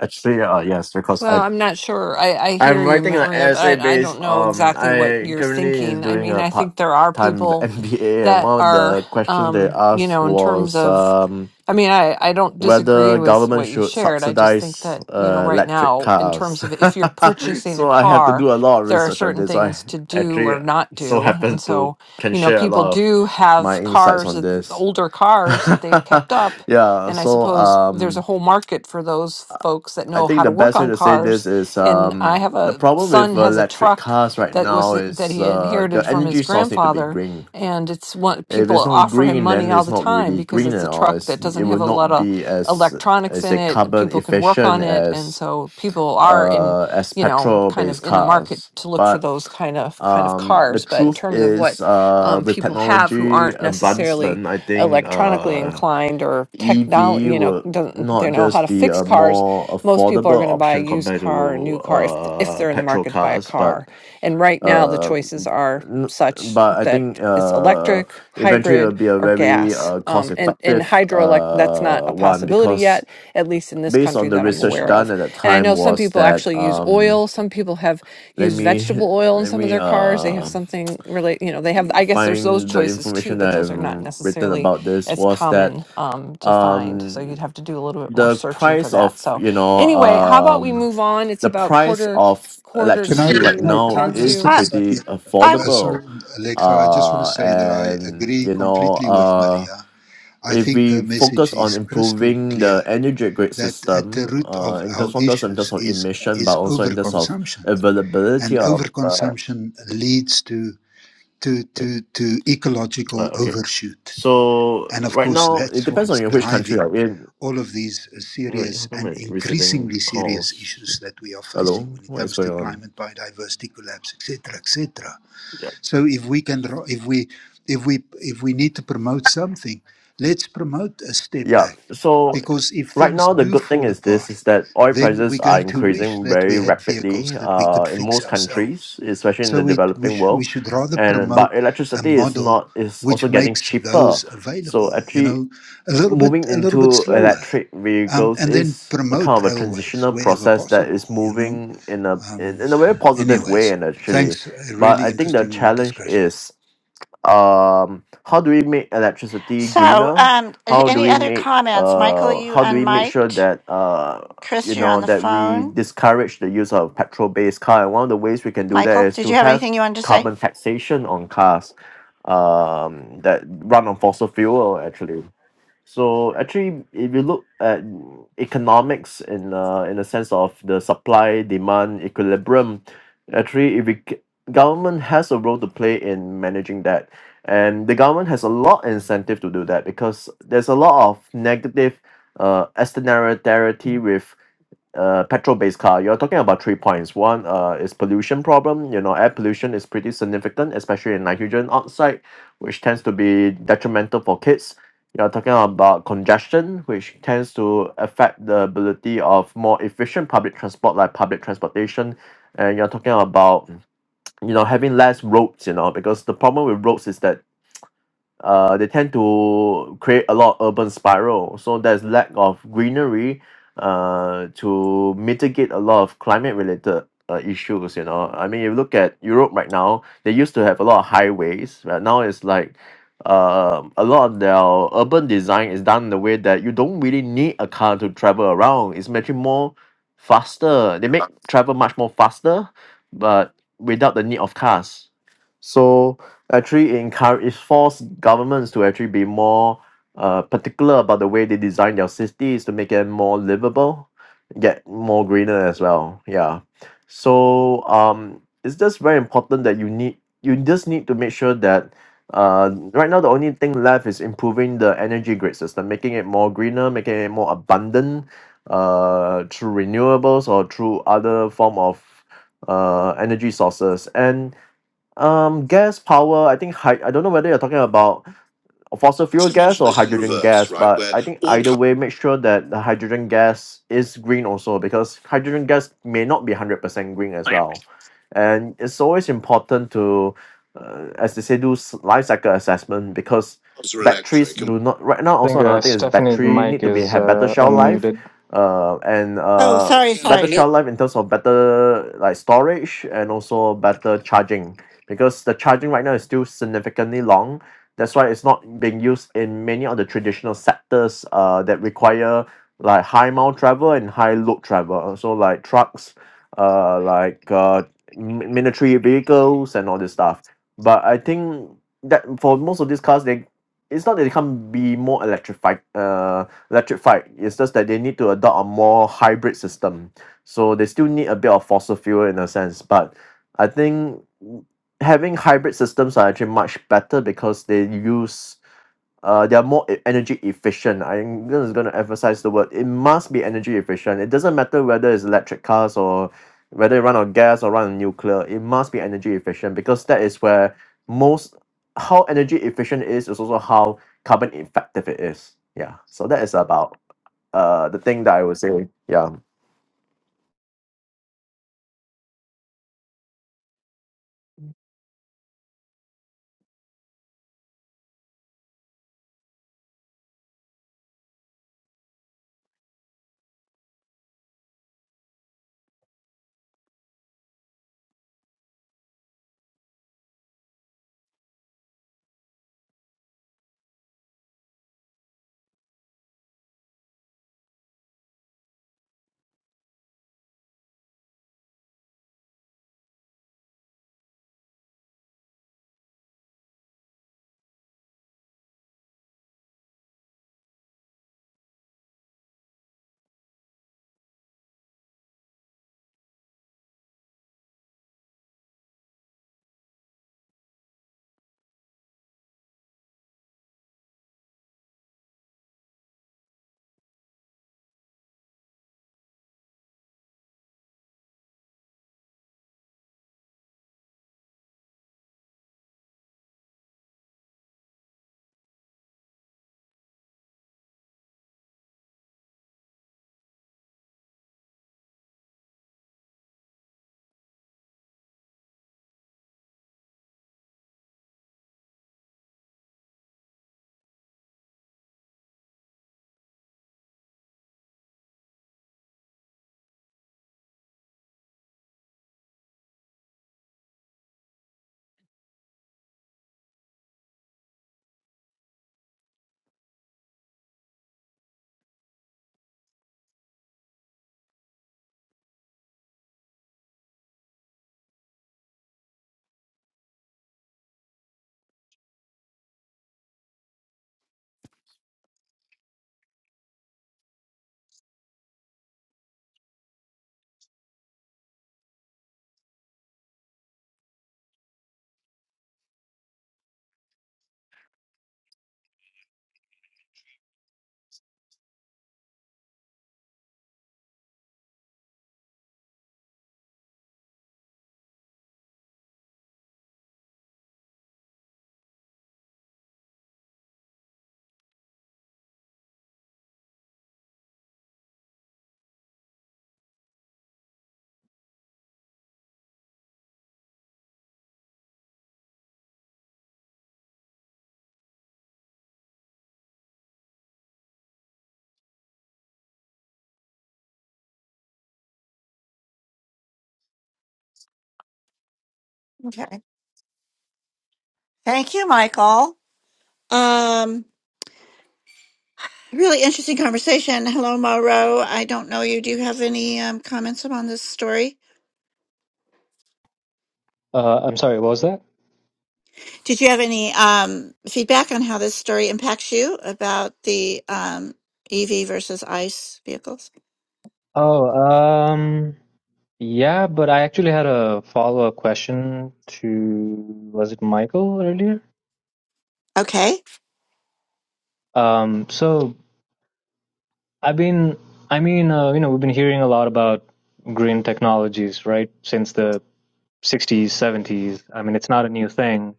S8: Actually, uh, yes, because
S5: Well,
S8: I
S5: I'm not sure. I, I hear
S8: I'm
S5: you,
S8: writing an
S5: Maria,
S8: essay
S5: but I, I don't
S8: based
S5: know
S8: um
S5: exactly what
S8: I
S5: you're
S8: currently is
S5: thinking. I
S8: doing
S5: mean,
S8: a
S5: I
S8: part
S5: think there are
S8: time (laughs)
S5: people
S8: MBA and
S5: that
S8: one of
S5: are,
S8: the questions they
S5: um, you
S8: asked
S5: know, in terms
S8: was
S5: of,
S8: um
S5: I mean, I, I don't disagree
S8: whether
S5: with
S8: government
S5: what you
S8: should
S5: shared. I just think
S8: subsidize
S5: that, you know,
S8: uh,
S5: right
S8: electric
S5: now, in terms
S8: cars.
S5: of if you're
S8: (laughs)
S5: purchasing a
S8: so I have to
S5: car,
S8: do a lot of
S5: there are
S8: research on
S5: certain
S8: this. So I
S5: things to do
S8: actually
S5: or not
S8: so
S5: do. And
S8: happen to
S5: so,
S8: can
S5: you know,
S8: share a
S5: people
S8: lot of
S5: do
S8: my
S5: have
S8: insights
S5: cars,
S8: on
S5: that-
S8: this.
S5: older
S8: (laughs)
S5: cars that they've kept up
S8: yeah,
S5: and I
S8: so
S5: suppose there's
S8: um
S5: a whole market for those folks that
S8: I
S5: know
S8: think
S5: how to
S8: the
S5: work
S8: best way
S5: on
S8: to say
S5: cars.
S8: this is
S5: And I
S8: um,
S5: have
S8: the
S5: a
S8: problem with
S5: son has a
S8: electric
S5: truck
S8: cars right
S5: that was
S8: now
S5: that
S8: is
S5: he
S8: uh,
S5: inherited
S8: the
S5: from
S8: energy
S5: his
S8: source need to be
S5: grandfather,
S8: green.
S5: and it's one
S8: If
S5: people
S8: it's not
S5: offer him
S8: green,
S5: money
S8: then
S5: all
S8: it's
S5: the
S8: not
S5: time
S8: really
S5: because
S8: green
S5: it's
S8: at
S5: a
S8: all.
S5: truck that
S8: It's,
S5: doesn't
S8: it
S5: have
S8: will
S5: a lot
S8: not
S5: of
S8: be as
S5: electronics
S8: as
S5: in
S8: a
S5: it. and
S8: carbon
S5: People can work
S8: efficient
S5: on it, and
S8: as
S5: so people are in
S8: uh, as
S5: you know
S8: petrol
S5: kind of
S8: based
S5: in the market
S8: cars.
S5: to look for
S8: But
S5: those kind of kind of
S8: um, the
S5: cars. But in
S8: truth
S5: terms of
S8: is,
S5: what
S8: uh,
S5: um,
S8: with
S5: people have who
S8: technology
S5: aren't necessarily
S8: advancement, I think
S5: electronically
S8: uh,
S5: inclined or technology,
S8: E_V
S5: you know,
S8: would
S5: doesn't they
S8: not
S5: know how to
S8: just be
S5: fix
S8: a
S5: cars.
S8: more
S5: Most people are
S8: affordable
S5: going to buy a
S8: option
S5: used
S8: compared
S5: car or a
S8: to
S5: new car if if
S8: uh
S5: they're in the
S8: petrol
S5: market to buy a
S8: cars, but
S5: car. And right now, the
S8: uh,
S5: choices are
S8: n-
S5: such
S8: but I
S5: that
S8: think
S5: it's
S8: uh
S5: electric,
S8: eventually it'll
S5: hybrid,
S8: be a
S5: or
S8: very
S5: gas.
S8: uh
S5: Um,
S8: cost
S5: and and and
S8: effective
S5: hydroelect that's not
S8: uh
S5: a
S8: one
S5: possibility
S8: because
S5: yet, at least in this
S8: based
S5: country
S8: on the
S5: that I'm
S8: research
S5: aware
S8: done
S5: of.
S8: at that
S5: And I
S8: time
S5: know some
S8: was
S5: people
S8: that
S5: actually use
S8: um
S5: oil. Some people have
S8: let
S5: used
S8: me
S5: vegetable oil in
S8: let
S5: some of
S8: me
S5: their cars. They have
S8: uh
S5: something relate, you know, they have.
S8: g-
S5: I guess there's those
S8: find the
S5: choices too,
S8: information
S5: but
S8: that
S5: those
S8: I've
S5: are not
S8: written
S5: necessarily
S8: about this
S5: as
S8: was that
S5: common um, to find. So
S8: um
S5: you'd have to do a little bit more
S8: the
S5: searching for
S8: price
S5: that.
S8: of
S5: So
S8: you know
S5: anyway, how about we
S8: um
S5: move on? It's
S8: the
S5: about
S8: price
S5: quarter
S8: of
S5: quarter
S7: Can I
S8: electricity right
S7: can
S5: to
S7: I, can
S8: now
S7: I
S5: ten
S8: is
S7: just uh,
S5: to.
S7: say,
S8: pretty
S7: uh,
S8: affordable
S7: sorry, Alexa? I just want to
S8: uh
S7: say that I
S8: and
S7: agree
S8: you know
S7: completely with
S8: uh
S7: Maria. I
S8: if
S7: think her
S8: we
S7: message
S8: focus on
S7: is crystal
S8: improving
S7: clear
S8: the energy grid
S7: that at the
S8: system
S7: root
S8: uh
S7: of
S8: in
S7: our
S8: terms of those in terms
S7: issues
S8: of
S7: is
S8: emission
S7: is
S8: but also in terms of
S7: overconsumption,
S8: availability
S7: and
S8: of uh,
S7: overconsumption leads to to,
S8: wait,
S7: to, to
S8: uh
S7: ecological
S8: okay
S7: overshoot.
S8: so
S7: And of
S8: right
S7: course, (laughs)
S8: now it
S7: that's
S8: depends on
S7: what's
S8: in which country
S7: driving
S8: you're in
S7: all of these
S8: wait how
S7: serious
S8: come i
S7: and
S8: am receiving
S7: increasingly serious
S8: calls
S7: issues that we are facing
S8: hello
S7: when it
S8: what is
S7: comes to
S8: going on
S7: climate biodiversity collapse etc etc so if we can if we if we if we need to promote something let's promote a step
S8: Yeah.
S7: back
S8: So
S7: because if
S8: right
S7: things
S8: now, the
S7: do
S8: good thing
S7: fall
S8: is
S7: apart
S8: this is that oil
S7: then we're
S8: prices are
S7: going to wish
S8: increasing
S7: that we
S8: very
S7: had vehicles
S8: rapidly
S7: that we
S8: uh,
S7: could
S8: in
S7: fix
S8: most
S7: ourselves.
S8: countries, especially in the
S7: So it, we,
S8: developing
S7: sh- we
S8: world.
S7: should rather
S8: And
S7: promote
S8: but
S7: a
S8: electricity is
S7: model
S8: not is also
S7: which
S8: getting
S7: makes
S8: cheaper.
S7: those
S8: So
S7: available, you
S8: actually
S7: know, a little bit
S8: moving
S7: a little bit
S8: into
S7: slower,
S8: electric
S7: um,
S8: vehicles
S7: and then
S8: is a kind
S7: promote
S8: of a
S7: railways
S8: transitional
S7: wherever
S8: process that
S7: possible,
S8: is
S7: you know.
S8: moving in a in,
S7: Um,
S8: in a very positive way
S7: anyways,
S8: and actually.
S7: thanks. A
S8: But I
S7: really
S8: think the
S7: interesting
S8: challenge
S7: discussion.
S8: is um how do we make electricity
S1: So,
S8: greener
S1: um,
S8: how do
S1: any
S8: we
S1: other
S8: make
S1: comments? Michael,
S8: uh
S1: you
S8: how do we make sure
S1: unmiked.
S8: that uh you
S1: Chris, you're on
S8: know
S1: the
S8: that we
S1: phone.
S8: discourage the use of petrol based car and one of the ways we can do that
S1: Michael,
S8: is
S1: did
S8: to
S1: you have
S8: have
S1: anything you wanted to say?
S8: carbon taxation on cars um that run on fossil fuel actually so actually, if you look at economics in uh, in a sense of the supply demand equilibrium, actually, if we, c- government has a role to play in managing that, and the government has a lot incentive to do that because there's a lot of negative uh, externality with uh, petrol-based car, you're talking about three points. One uh, is pollution problem. You know, air pollution is pretty significant, especially in nitrogen oxide, which tends to be detrimental for kids. You're talking about congestion, which tends to affect the ability of more efficient public transport, like public transportation. And you're talking about you know having less roads. You know, because the problem with roads is that uh, they tend to create a lot of urban spiral. So there's lack of greenery uh, to mitigate a lot of climate related uh, issues. You know, I mean, you look at Europe right now, they used to have a lot of highways. Right now, it's like um a lot of their urban design is done in the way that you don't really need a car to travel around. It's much more faster. They make travel much more faster, but without the need of cars. So actually encourage it force governments to actually be more uh, particular about the way they design their cities to make it more livable, get more greener as well. Yeah, so um, it's just very important that you need you just need to make sure that. Uh, right now the only thing left is improving the energy grid system, making it more greener, making it more abundant, uh, through renewables or through other form of uh energy sources. And um, gas power I think hy~ I don't know whether you're talking about fossil fuel
S1: Just
S8: gas
S1: imagine
S8: or
S1: this in
S8: hydrogen
S1: reverse,
S8: gas
S1: right?
S8: but
S1: Where
S8: I think
S1: all
S8: either
S1: cars
S8: way make sure that the hydrogen gas is green also because hydrogen gas may not be one hundred percent green as well and it's always important to uh, as they say do s- life cycle assessment because
S1: are
S8: batteries
S1: electric and
S8: do not right now
S9: I think
S8: also
S9: uh,
S8: another thing is
S9: Stephanie's
S8: battery need
S9: mic
S8: to be
S9: is
S8: have better
S9: uh,
S8: shelf life
S9: unmuted.
S8: uh, and
S1: Oh,
S8: uh,
S1: sorry, Yeah.
S8: better
S1: sorry.
S8: shelf life in terms of better like storage and also better charging because the charging right now is still significantly long that's why it's not being used in many of the traditional sectors uh, that require like high mile travel and high load travel so like trucks uh, like uh, mi- military vehicles and all this stuff but i think that for most of these cars they it's not that they can't be more electrified uh, electrified it's just that they need to adopt a more hybrid system so they still need a bit of fossil fuel in a sense but i think having hybrid systems are actually much better because they use uh, they are more e- energy efficient. I'm just going to emphasize the word. It must be energy efficient. It doesn't matter whether it's electric cars or whether it run on gas or run on nuclear. It must be energy efficient because that is where most how energy efficient it is is also how carbon effective it is. Yeah. So that is about uh the thing that I would say. Yeah.
S1: Okay. Thank you, Michael. Um, really interesting conversation. Hello, Mauro. I don't know you. Do you have any um, comments upon this story?
S9: Uh, I'm sorry, what was that?
S1: Did you have any um, feedback on how this story impacts you about the um, EV versus ICE vehicles?
S9: Oh, um, yeah, but I actually had a follow-up question to, was it Michael earlier?
S1: Okay.
S9: Um, so I've been, I mean, uh, you know, we've been hearing a lot about green technologies, right, since the 60s, 70s. I mean, it's not a new thing.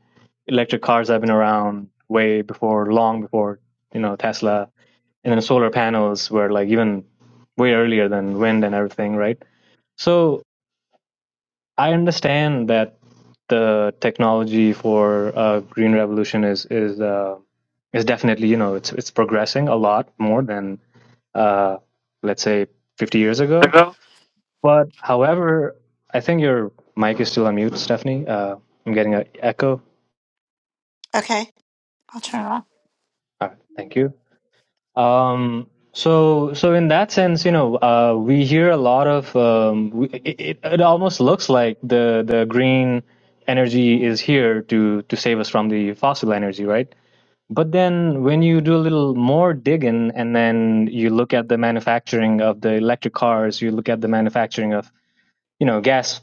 S9: Electric cars have been around way before, long before, you know, Tesla. and then solar panels were like even way earlier than wind and everything, right? So I understand that the technology for uh, green revolution is is uh, is definitely you know it's it's progressing a lot more than uh, let's say 50 years ago.
S1: Hello?
S9: But however, I think your mic is still on mute, Stephanie. Uh, I'm getting an echo.
S1: Okay. I'll turn it off.
S9: All right, thank you. Um, so, so in that sense, you know, uh, we hear a lot of. Um, we, it, it it almost looks like the the green energy is here to to save us from the fossil energy, right? But then, when you do a little more digging, and then you look at the manufacturing of the electric cars, you look at the manufacturing of you know gas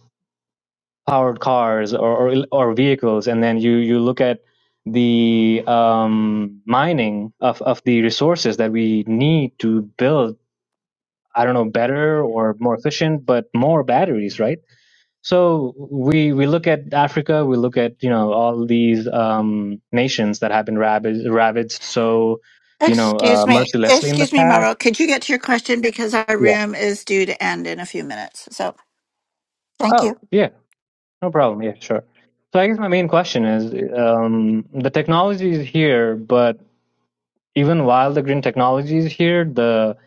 S9: powered cars or, or or vehicles, and then you you look at the um, mining of of the resources that we need to build. I don't know better or more efficient, but more batteries, right? So we we look at Africa, we look at you know all these um, nations that have been ravaged, ravaged so you know uh,
S1: Excuse me.
S9: mercilessly in the
S1: Excuse me,
S9: past.
S1: Mauro. Could you get to your question because our
S9: Yeah.
S1: room is due to end in a few minutes? So thank
S9: Oh
S1: you.
S9: yeah, no problem. Yeah, sure. So I guess my main question is um, the technology is here, but even while the green technology is here, the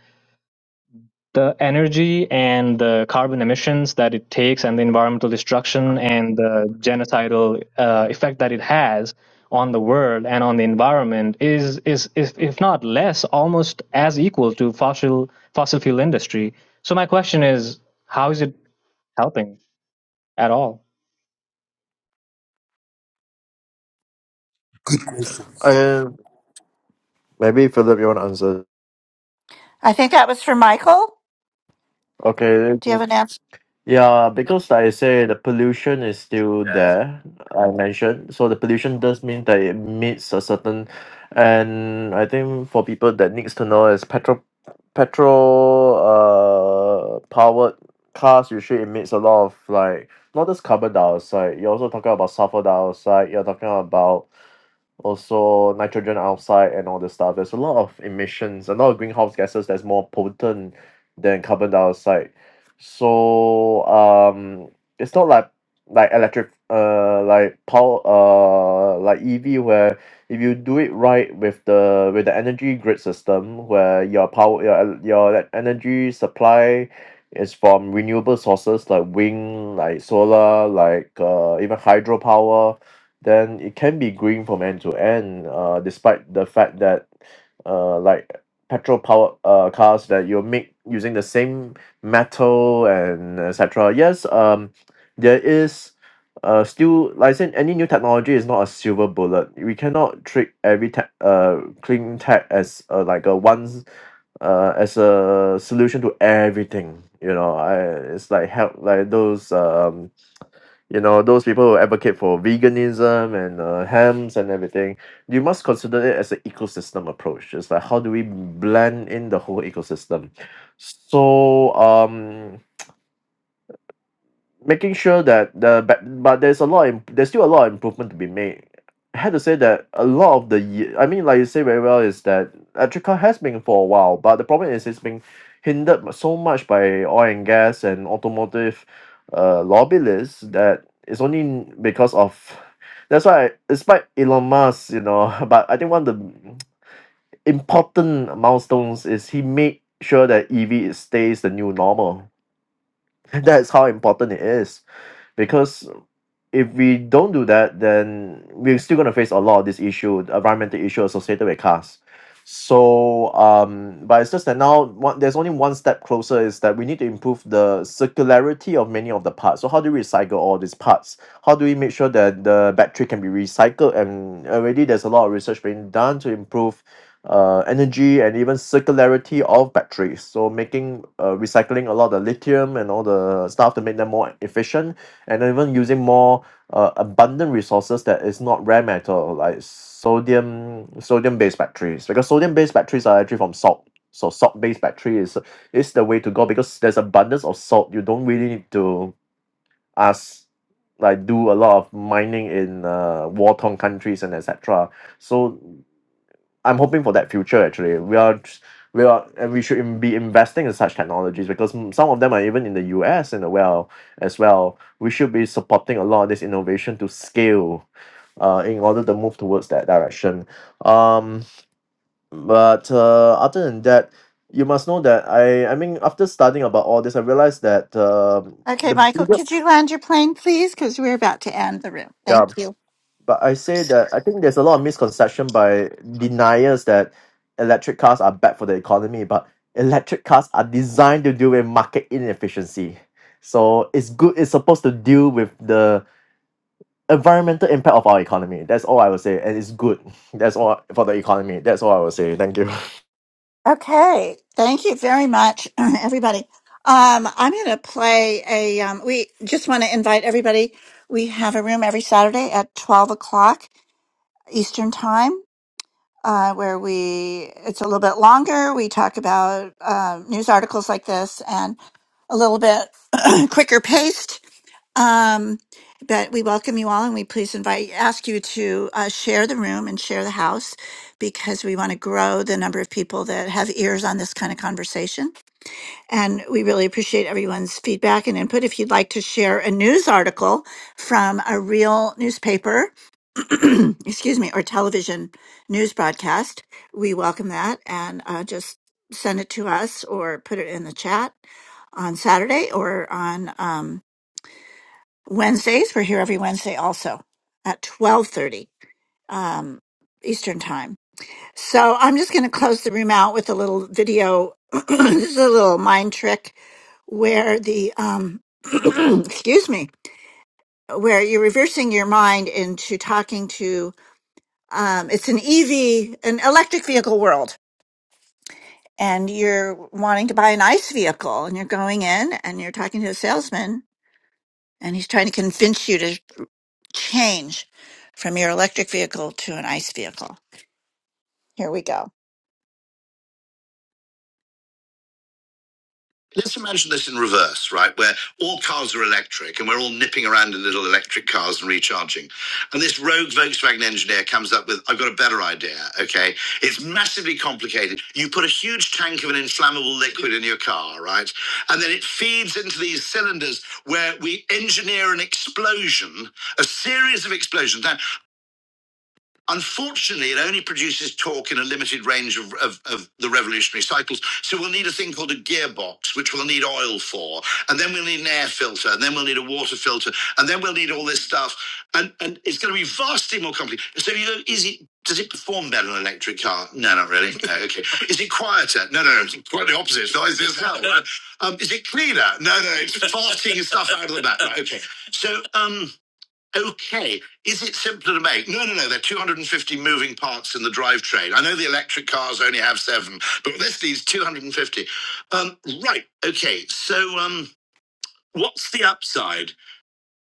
S9: the energy and the carbon emissions that it takes and the environmental destruction and the genocidal uh, effect that it has on the world and on the environment is is if, if not less almost as equal to fossil fossil fuel industry so my question is how is it helping at all
S7: Good question.
S8: And maybe Philip, you want to answer?
S1: I think that was for Michael.
S8: Okay.
S1: Do you have an answer?
S8: Yeah, because I say the pollution is still there, I mentioned. So the pollution does mean that it meets a certain, and I think for people that needs to know is petrol, petrol, uh, powered cars usually emits a lot of like not just carbon dioxide. You're also talking about sulfur dioxide. You're talking about also nitrogen oxide and all this stuff there's a lot of emissions a lot of greenhouse gases that's more potent than carbon dioxide so um it's not like like electric uh like power uh like EV where if you do it right with the with the energy grid system where your power your el- your like, energy supply is from renewable sources like wind like solar like uh even hydropower then it can be green from end to end uh, despite the fact that uh, like petrol powered uh, cars that you make using the same metal and etc yes um there is uh, still like I said any new technology is not a silver bullet we cannot treat every tech uh, clean tech as uh, like a one uh, as a solution to everything you know I, it's like help like those um you know those people who advocate for veganism and uh, hams and everything you must consider it as an ecosystem approach it's like how do we blend in the whole ecosystem so um making sure that the but but there's a lot im- there's still a lot of improvement to be made. I had to say that a lot of the ye- I mean, like you say very well, is that electric car has been for a while, but the problem is it's been hindered mu- so much by oil and gas and automotive uh, lobbyists that it's only n- because of that's why despite Elon Musk, you know, (laughs) but I think one of the important milestones is he made sure that EV is- stays the new normal. (laughs) That's how important it is because if we don't do that, then we're still going to face a lot of this issue, the environmental issue associated with cars. So, um, but it's just that now one, there's only one step closer is that we need to improve the circularity of many of the parts. So, how do we recycle all these parts? How do we make sure that the battery can be recycled? And already there's a lot of research being done to improve uh, energy and even circularity of batteries. So, making uh, recycling a lot of the lithium and all the stuff to make them more efficient and even using more uh, abundant resources that is not rare metal like sodium sodium based batteries because sodium based batteries are actually from salt so salt based battery is is the way to go because there's abundance of salt you don't really need to ask like do a lot of mining in uh war torn countries and etc so I'm hoping for that future actually we are just- we are and we should in be investing in such technologies because mm, some of them are even in the U_S and uh, well as well we should be supporting a lot of this innovation to scale uh, in order to move towards that direction um but uh, other than that you must know that I I mean after studying about all this I realized that um
S1: Okay,
S8: the
S1: Michael, could
S8: biggest
S1: you land your plane, please? Because we're about to end the room.
S8: yeah
S1: Thank you.
S8: But I say that I think there's a lot of misconception by deniers that electric cars are bad for the economy, but electric cars are designed to deal with market inefficiency. So it's good, it's supposed to deal with the environmental impact of our economy. That's all I would say. And it's good. (laughs) That's all for the economy. That's all I would say. Thank you.
S1: Okay, thank you very much, (clears throat) everybody. Um, I'm going to play a. Um, we just want to invite everybody. We have a room every Saturday at 12 o'clock Eastern Time, uh, where we it's a little bit longer. We talk about uh, news articles like this and a little bit (clears throat) quicker paced um, but we welcome you all, and we please invite ask you to uh, share the room and share the house because we want to grow the number of people that have ears on this kind of conversation. And we really appreciate everyone's feedback and input. If you'd like to share a news article from a real newspaper, (clears throat) excuse me, or television news broadcast, we welcome that, and uh, just send it to us or put it in the chat on Saturday or on. Um, Wednesdays. We're here every Wednesday also at 1230 um, Eastern time. So I'm just going to close the room out with a little video. (clears throat) this is a little mind trick where the, um, (clears throat) excuse me, where you're reversing your mind into talking to, um, it's an EV, an electric vehicle world. And you're wanting to buy an ICE vehicle and you're going in and you're talking to a salesman and he's trying to convince you to change from your electric vehicle to an ICE vehicle. Here we go. Let's imagine this in reverse, right? Where all cars are electric and we're all nipping around in little electric cars and recharging. And this rogue Volkswagen engineer comes up with, I've got a better idea, okay? It's massively complicated. You put a huge tank of an inflammable liquid in your car, right? And then it feeds into these cylinders where we engineer an explosion, a series of explosions. Now, Unfortunately, it only produces torque in a limited range of, of, of the revolutionary cycles. So we'll need a thing called a gearbox, which we'll need oil for. And then we'll need an air filter. And then we'll need a water filter. And then we'll need all this stuff. And, and it's going to be vastly more complicated. So, you know, is it, does it perform better on an electric car? No, not really. No, okay. (laughs) Is it quieter? No, no, no. It's quite the opposite. It's noisy as hell. (laughs) Um, is it cleaner? No, no. It's farting (laughs) stuff out of the back. Right, okay. So, um, Okay, is it simpler to make? No, no, no. There are 250 moving parts in the drivetrain. I know the electric cars only have seven, but this needs 250. Um, right. Okay. So, um, what's the upside?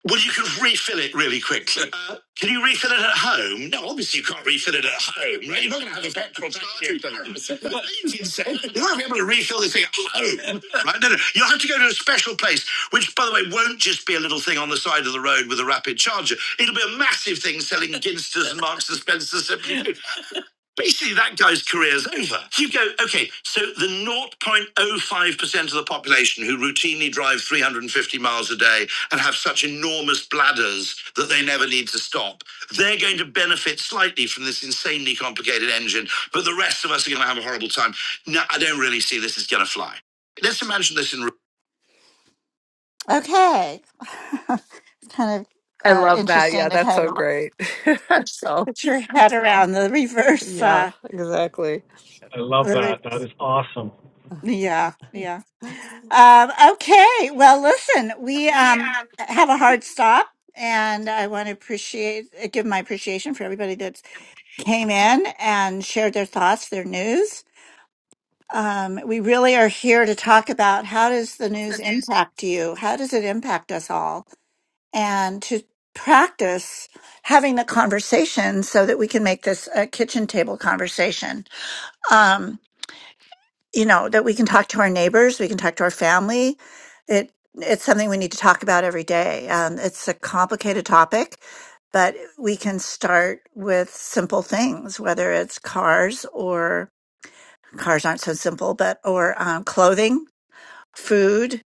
S1: Well, you can refill it really quickly. Uh, can you refill it at home? No, obviously you can't refill it at home, right? You're not going to have a petrol station. It's insane. You're not going to be able to refill this thing at home, right? No, no. You'll have to go to a special place, which, by the way, won't just be a little thing on the side of the road with a rapid charger. It'll be a massive thing selling Ginsters and Marks and Spencers. Basically, that guy's career is over. You go, okay, so the 0.05% of the population who routinely drive 350 miles a day and have such enormous bladders that they never need to stop, they're going to benefit slightly from this insanely complicated engine, but the rest of us are going to have a horrible time. No, I don't really see this is going to fly. Let's imagine this in. Okay. (laughs) it's kind of
S5: I
S1: uh,
S5: love that. Yeah,
S1: interesting to
S5: that's
S1: kind
S5: so
S1: of
S5: great. (laughs) so,
S1: put your head around the reverse.
S5: yeah,
S1: Uh,
S5: exactly.
S4: I love
S1: the
S4: that. That
S1: reverse.
S4: is awesome.
S1: Yeah, yeah.
S5: (laughs)
S1: Um, okay. Well, listen, we um, have a hard stop, and I want to appreciate uh, give my appreciation for everybody that came in and shared their thoughts, their news. Um, we really are here to talk about how does the news impact you? How does it impact us all? And to practice having the conversation so that we can make this a kitchen table conversation. Um, you know that we can talk to our neighbors we can talk to our family it it's something we need to talk about every day um, it's a complicated topic but we can start with simple things whether it's cars or cars aren't so simple but or um, clothing food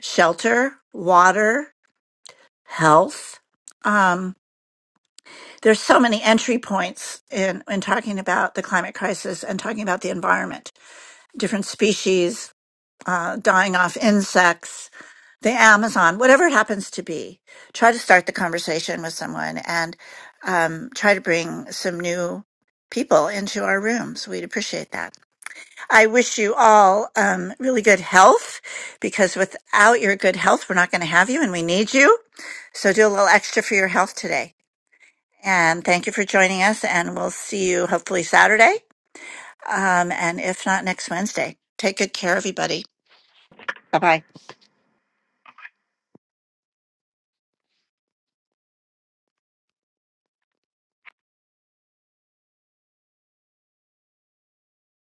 S1: shelter water health um, there's so many entry points in, in talking about the climate crisis and talking about the environment different species uh, dying off insects the Amazon, whatever it happens to be, try to start the conversation with someone and um, try to bring some new people into our rooms. We'd appreciate that. I wish you all um, really good health because without your good health, we're not going to have you and we need you. So do a little extra for your health today. And thank you for joining us. And we'll see you hopefully Saturday. Um, and if not next Wednesday, take good care, everybody. Bye bye.